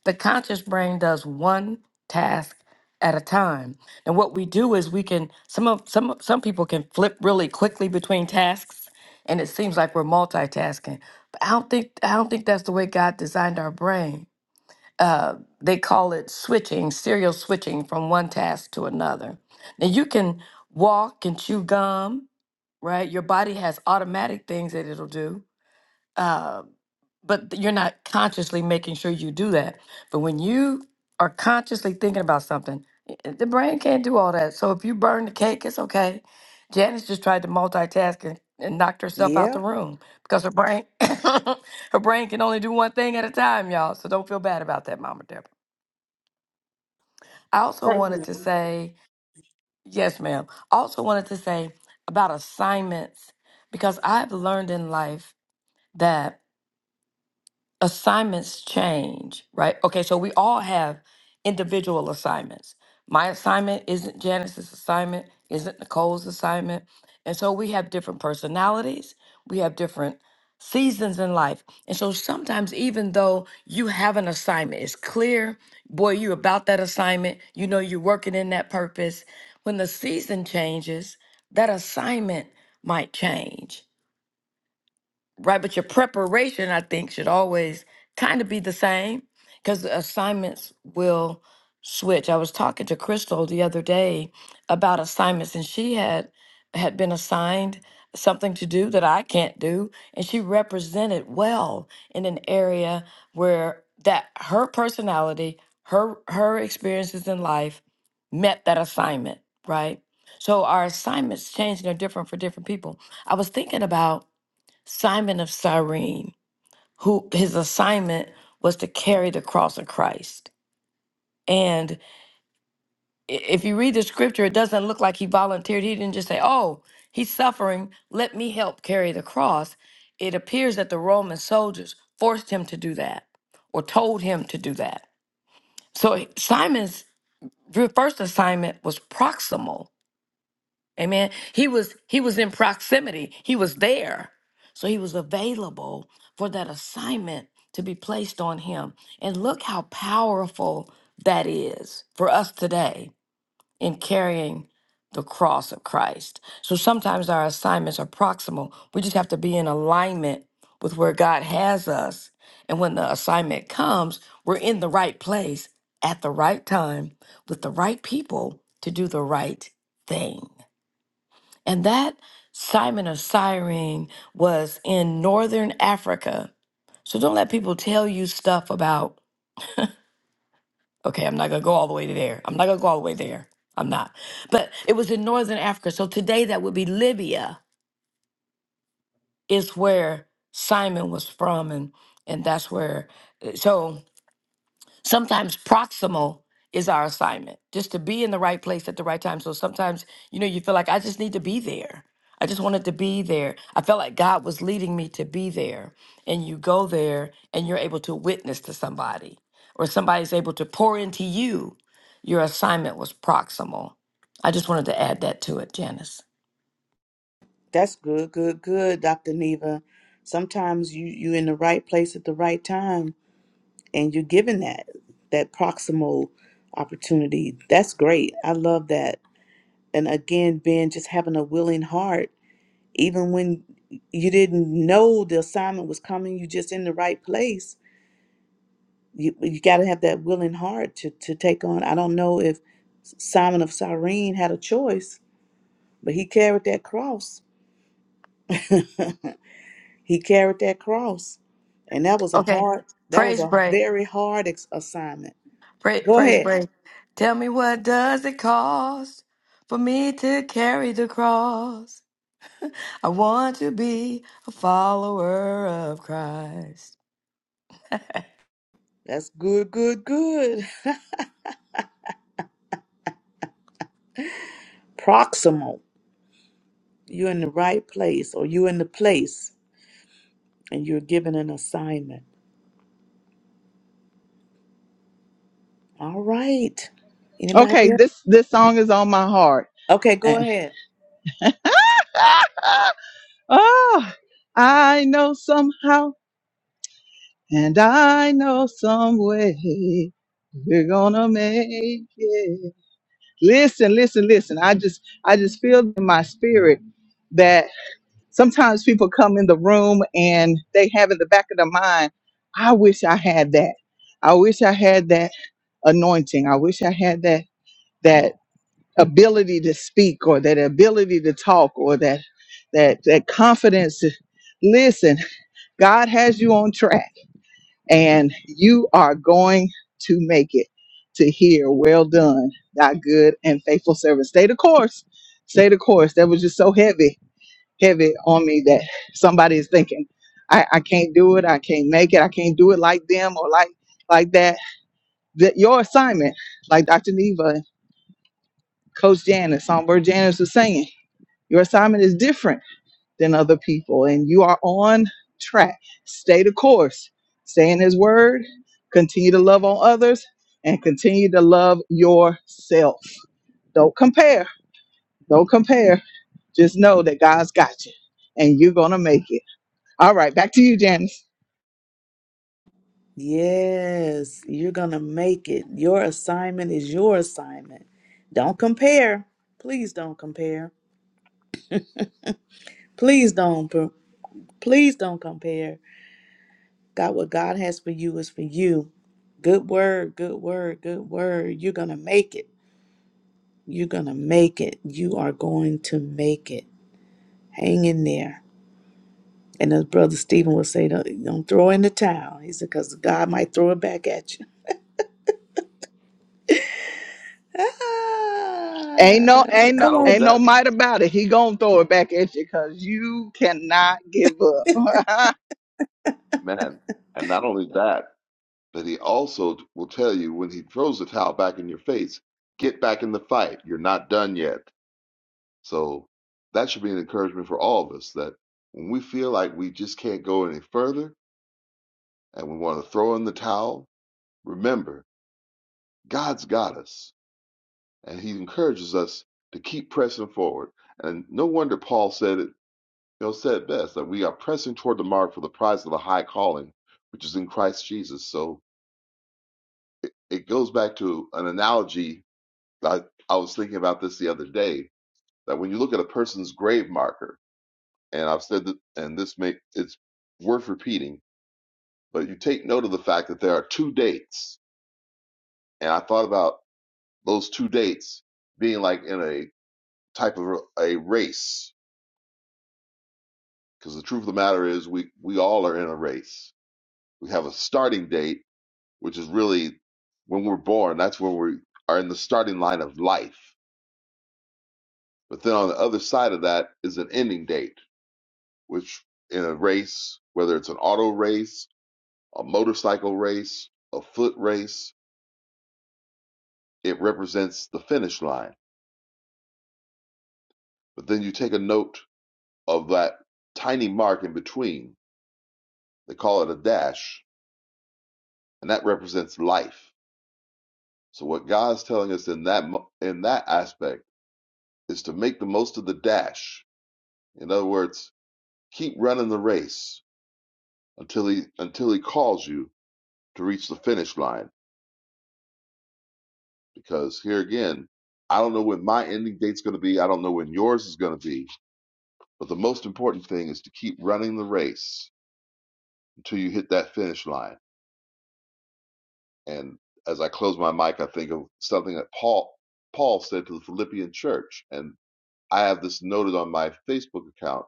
Speaker 4: The conscious brain does one task at a time. And what we do is we can some of some of- some people can flip really quickly between tasks and it seems like we're multitasking. But I don't think I don't think that's the way God designed our brain. Uh, they call it switching, serial switching from one task to another. Now you can walk and chew gum, right? Your body has automatic things that it'll do Uh, but you're not consciously making sure you do that. But when you are consciously thinking about something, i- the brain can't do all that. So if you burn the cake, it's okay. Janice just tried to multitask and, and knocked
Speaker 6: him.
Speaker 4: herself out
Speaker 6: Yep.
Speaker 4: the room because her brain her brain can only do one thing at a time, y'all. So don't feel bad about that, Mama Deborah. I also wanted to say, yes, ma'am. Also wanted to say about assignments because I've learned in life that. assignments change, right? Okay, so we all have individual assignments. My assignment isn't Janice's assignment, isn't Nicole's assignment. And so we have different personalities, we have different seasons in life. And so sometimes, even though you have an assignment, it's clear, boy, you about that assignment, you know, you're working in that purpose. When the season changes, that assignment might change right? But your preparation, I think, should always kind of be the same because the assignments will switch. I was talking to Crystal the other day about assignments, and she had had been assigned something to do that I can't do, and she represented well in an area where that her personality, her her experiences in life met that assignment, right? So our assignments change and are different for different people. I was thinking about Simon of Cyrene, who his assignment was to carry the cross of Christ. And i- if you read the scripture, it doesn't look like he volunteered. He didn't just say, Oh, he's suffering. Let me help carry the cross. It appears that the Roman soldiers forced him to do that or told him to do that. So Simon's first assignment was proximal Amen. He was he was in proximity. He was there. So he was available for that assignment to be placed on him. And look how powerful that is for us today in carrying the cross of Christ. So sometimes our assignments are proximal. We just have to be in alignment with where God has us. And when the assignment comes, we're in the right place at the right time with the right people to do the right thing. And that Simon of Cyrene was in northern Africa. So don't let people tell you stuff about, okay, I'm not going to go all the way to there. I'm not going to go all the way there. I'm not. But it was in northern Africa. So today that would be Libya, is where Simon was from. And, and that's where. uh, So. sometimes proximal is our assignment just to be in the right place at the right time so sometimes you know you feel like i just need to be there i just wanted to be there i felt like god was leading me to be there and you go there and you're able to witness to somebody or somebody's able to pour into you your assignment was proximal i just wanted to add that to it janice
Speaker 6: That's good, good, good, Dr. Neva. Sometimes you you in the right place at the right time and you're given that that proximal opportunity. That's great. I love that. And again, Ben, just having a willing heart, even when you didn't know the assignment was coming, you just in the right place. You you gotta have that willing heart to, to take on. I don't know if Simon of Cyrene had a choice, but he carried that cross. He carried that cross, and that was a
Speaker 4: okay
Speaker 6: hard, that was
Speaker 4: praise
Speaker 6: a
Speaker 4: break
Speaker 6: very hard ex- assignment.
Speaker 4: Pra-
Speaker 6: Go
Speaker 4: praise
Speaker 6: ahead.
Speaker 4: break tell me what does it cost for me to carry the cross I want to be a follower of Christ.
Speaker 6: That's good, good, good. Proximal. You're in the right place, or you're in the place, and you're given an assignment. All right.
Speaker 1: Okay,
Speaker 6: Anybody else?
Speaker 1: this this song is on my heart.
Speaker 6: Okay, go ahead.
Speaker 1: Oh, I know somehow and I know some way we're gonna make it. Listen, listen, listen. I just I just feel in my spirit that sometimes people come in the room and they have in the back of their mind, I wish I had that. I wish I had that anointing. I wish I had that that ability to speak or that ability to talk or that that that confidence. Listen, God has you on track and you are going to make it to here. Well done, thy good and faithful servant. Stay the course. Stay the course. That was just so heavy, heavy on me that somebody is thinking, I, I can't do it. I can't make it. I can't do it like them or like like that. That your assignment, like Dr. Neva, Coach Janice, Songbird Janice was saying, your assignment is different than other people. And you are on track. Stay the course. Stay in His Word. Continue to love on others and continue to love yourself. Don't compare. Don't compare. Just know that God's got you and you're going to make it. All right. Back to you, Janice.
Speaker 6: Yes, you're gonna make it. Your assignment is your assignment. Don't compare. Please don't compare. Please don't. per- Please don't compare. God, what God has for you is for you. Good word, good word, good word. You're going to make it. You're going to make it. You are going to make it. Hang in there. And as Brother Stephen would say, don't, don't throw in the towel. He said, because God might throw it back at you.
Speaker 1: Ain't no,
Speaker 6: Ah,
Speaker 1: ain't no,
Speaker 8: Not
Speaker 6: come
Speaker 8: only
Speaker 6: on.
Speaker 1: ain't no
Speaker 8: that,
Speaker 1: might about it. He gonna throw it back at you because you cannot give up.
Speaker 8: man, and not only that, but he also will tell you when he throws the towel back in your face, get back in the fight. You're not done yet. So that should be an encouragement for all of us that when we feel like we just can't go any further and we want to throw in the towel, remember God's got us, and He encourages us to keep pressing forward. And no wonder Paul said it, you know, said it best that we are pressing toward the mark for the prize of the high calling, which is in Christ Jesus. So it, it goes back to an analogy that I, I was thinking about this the other day. That when you look at a person's grave marker, and I've said that, and this may it's worth repeating, but you take note of the fact that there are two dates, and I thought about those two dates being like in a type of a race because the truth of the matter is we we all are in a race we have a starting date which is really when we're born that's when we are in the starting line of life but then on the other side of that is an ending date which in a race whether it's an auto race a motorcycle race a foot race it represents the finish line but then you take a note of that tiny mark in between they call it a dash and that represents life So what God's telling us in that mo- in that aspect is to make the most of the dash. In other words, keep running the race until he until he calls you to reach the finish line. Because here again, I don't know when my ending date's going to be. I don't know when yours is going to be. But the most important thing is to keep running the race until you hit that finish line. And as I close my mic, I think of something that Paul Paul said to the Philippian church, and I have this noted on my Facebook account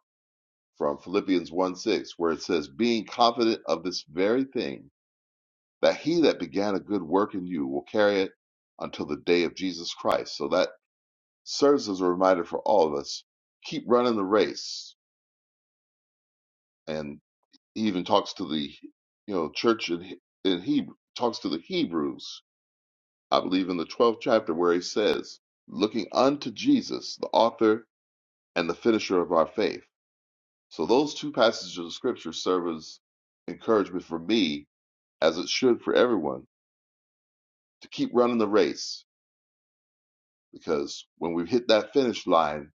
Speaker 8: from Philippians 1 6, where it says, Being confident of this very thing, that he that began a good work in you will carry it until the day of Jesus Christ. So that serves as a reminder for all of us keep running the race. And he even talks to the you know church in, in Hebrew, talks to the Hebrews, I believe in the 12th chapter, where he says, Looking unto Jesus, the author and the finisher of our faith. So those two passages of scripture serve as encouragement for me as it should for everyone, to keep running the race because when we hit that finish line,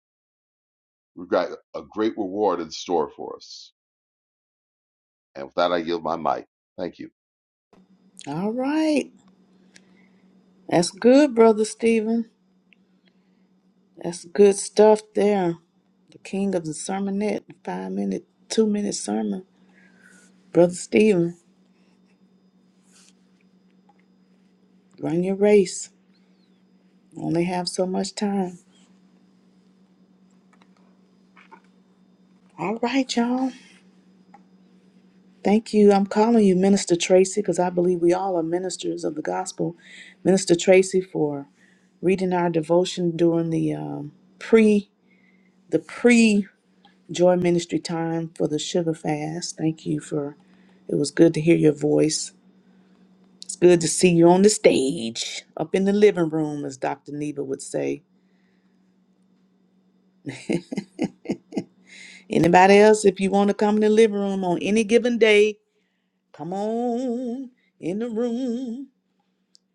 Speaker 8: we've got a great reward in store for us. And with that, I yield my mic. Thank you.
Speaker 6: All right. That's good, Brother Stephen. That's good stuff there. The king of the sermonette, five minute, two minute sermon. Brother Stephen, run your race. Only have so much time. All right, y'all. Thank you. I'm calling you Minister Tracy because I believe we all are ministers of the gospel. Minister Tracy for reading our devotion during the um, pre the pre joy ministry time for the sugar fast. Thank you for. It was good to hear your voice. It's good to see you on the stage, up in the living room, as Dr. Neva would say. Anybody else, if you want to come in the living room on any given day, Come on in the room.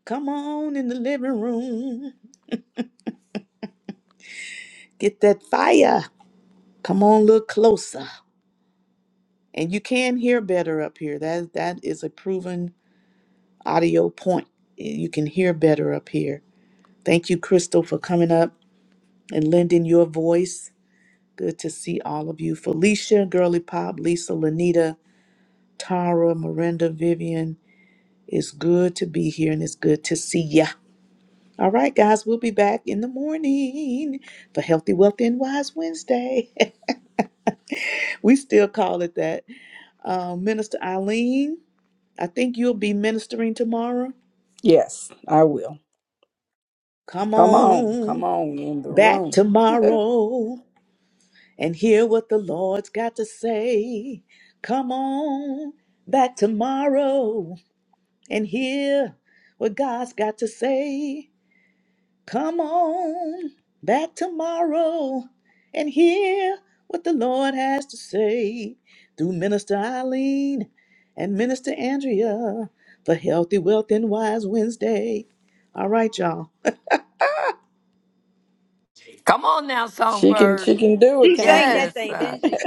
Speaker 6: Come on in the living room. Get that fire. Come on, look closer. And you can hear better up here. That that is a proven audio point. You can hear better up here. Thank you, Crystal, for coming up and lending your voice. Good to see all of you. Felicia, Girly Pop, Lisa, Lanita, Tara, Miranda, Vivian. It's good to be here and it's good to see ya. All right, guys, we'll be back in the morning for Healthy, Wealthy, and Wise Wednesday. we still call it that. Uh, Minister Eileen, I think you'll be ministering tomorrow.
Speaker 10: yes, I will.
Speaker 6: Come
Speaker 10: Come on. Come
Speaker 6: on
Speaker 10: on in the
Speaker 6: back
Speaker 10: room.
Speaker 6: tomorrow and hear what the Lord's got to say. Come on back tomorrow and hear what God's got to say. Come on back tomorrow and hear what the Lord has to say through Minister Eileen and Minister Andrea for Healthy Wealth and Wise Wednesday. All right, y'all.
Speaker 4: Come on now,
Speaker 10: She can
Speaker 4: Songbird.
Speaker 10: she can do it,
Speaker 7: She
Speaker 10: can't
Speaker 7: sang
Speaker 10: she?
Speaker 7: that
Speaker 4: Yes.
Speaker 7: thing,
Speaker 4: uh,
Speaker 7: didn't she?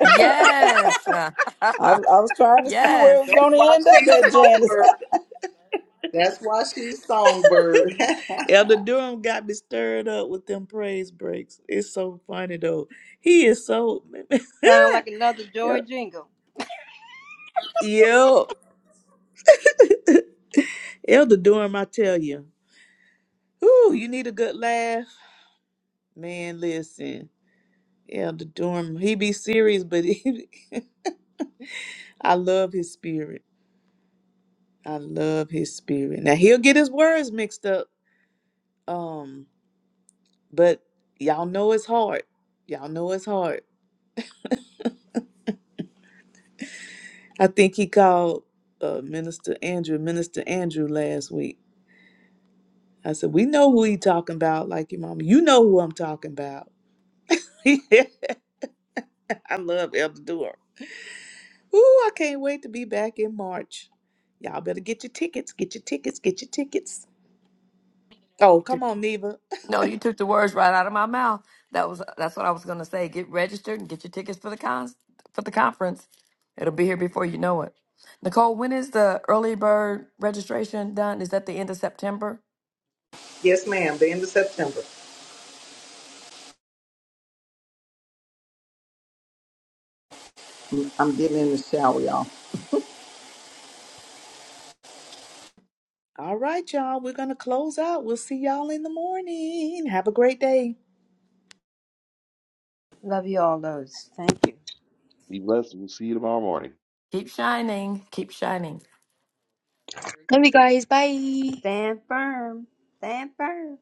Speaker 4: yes. uh,
Speaker 10: I was I was trying to see where it
Speaker 4: yes.
Speaker 10: was
Speaker 1: That's
Speaker 10: gonna
Speaker 1: why
Speaker 10: end up
Speaker 1: she's
Speaker 10: at Janice.
Speaker 1: songbird. That's why she's songbird.
Speaker 6: Elder Durham got me stirred up with them praise breaks. It's so funny though. He is so
Speaker 7: Sound like another joy jingle.
Speaker 6: yo. Elder Durham, I tell you, ooh, you need a good laugh, man. Listen. Elder Dorm, he be serious, but he, I love his spirit. I love his spirit. Now he'll get his words mixed up, um, but y'all know it's hard. Y'all know it's hard. I think he called uh, Minister Andrew, Minister Andrew last week. I said, we know who he talking about, like your mama. You know who I'm talking about. I love Elder Dorm. Ooh, I can't wait to be back in March. Y'all better get your tickets, get your tickets, get your tickets. Oh,
Speaker 4: You took-
Speaker 6: come on, Neva.
Speaker 4: No, you took the words right out of my mouth. That was that's what I was going to say. Get registered and get your tickets for the cons for the conference. It'll be here before you know it. Nicole, when is the early bird registration done? Is that the end of September?
Speaker 1: yes, ma'am. The end of September. Shall we all?
Speaker 6: All right, y'all. We're going to close out. We'll see y'all in the morning. Have a great day.
Speaker 7: Love you all those. Thank you.
Speaker 8: Be blessed. and We'll see you tomorrow morning.
Speaker 4: Keep shining. Keep shining.
Speaker 11: Love you guys. Bye.
Speaker 7: Stand firm. Stand firm.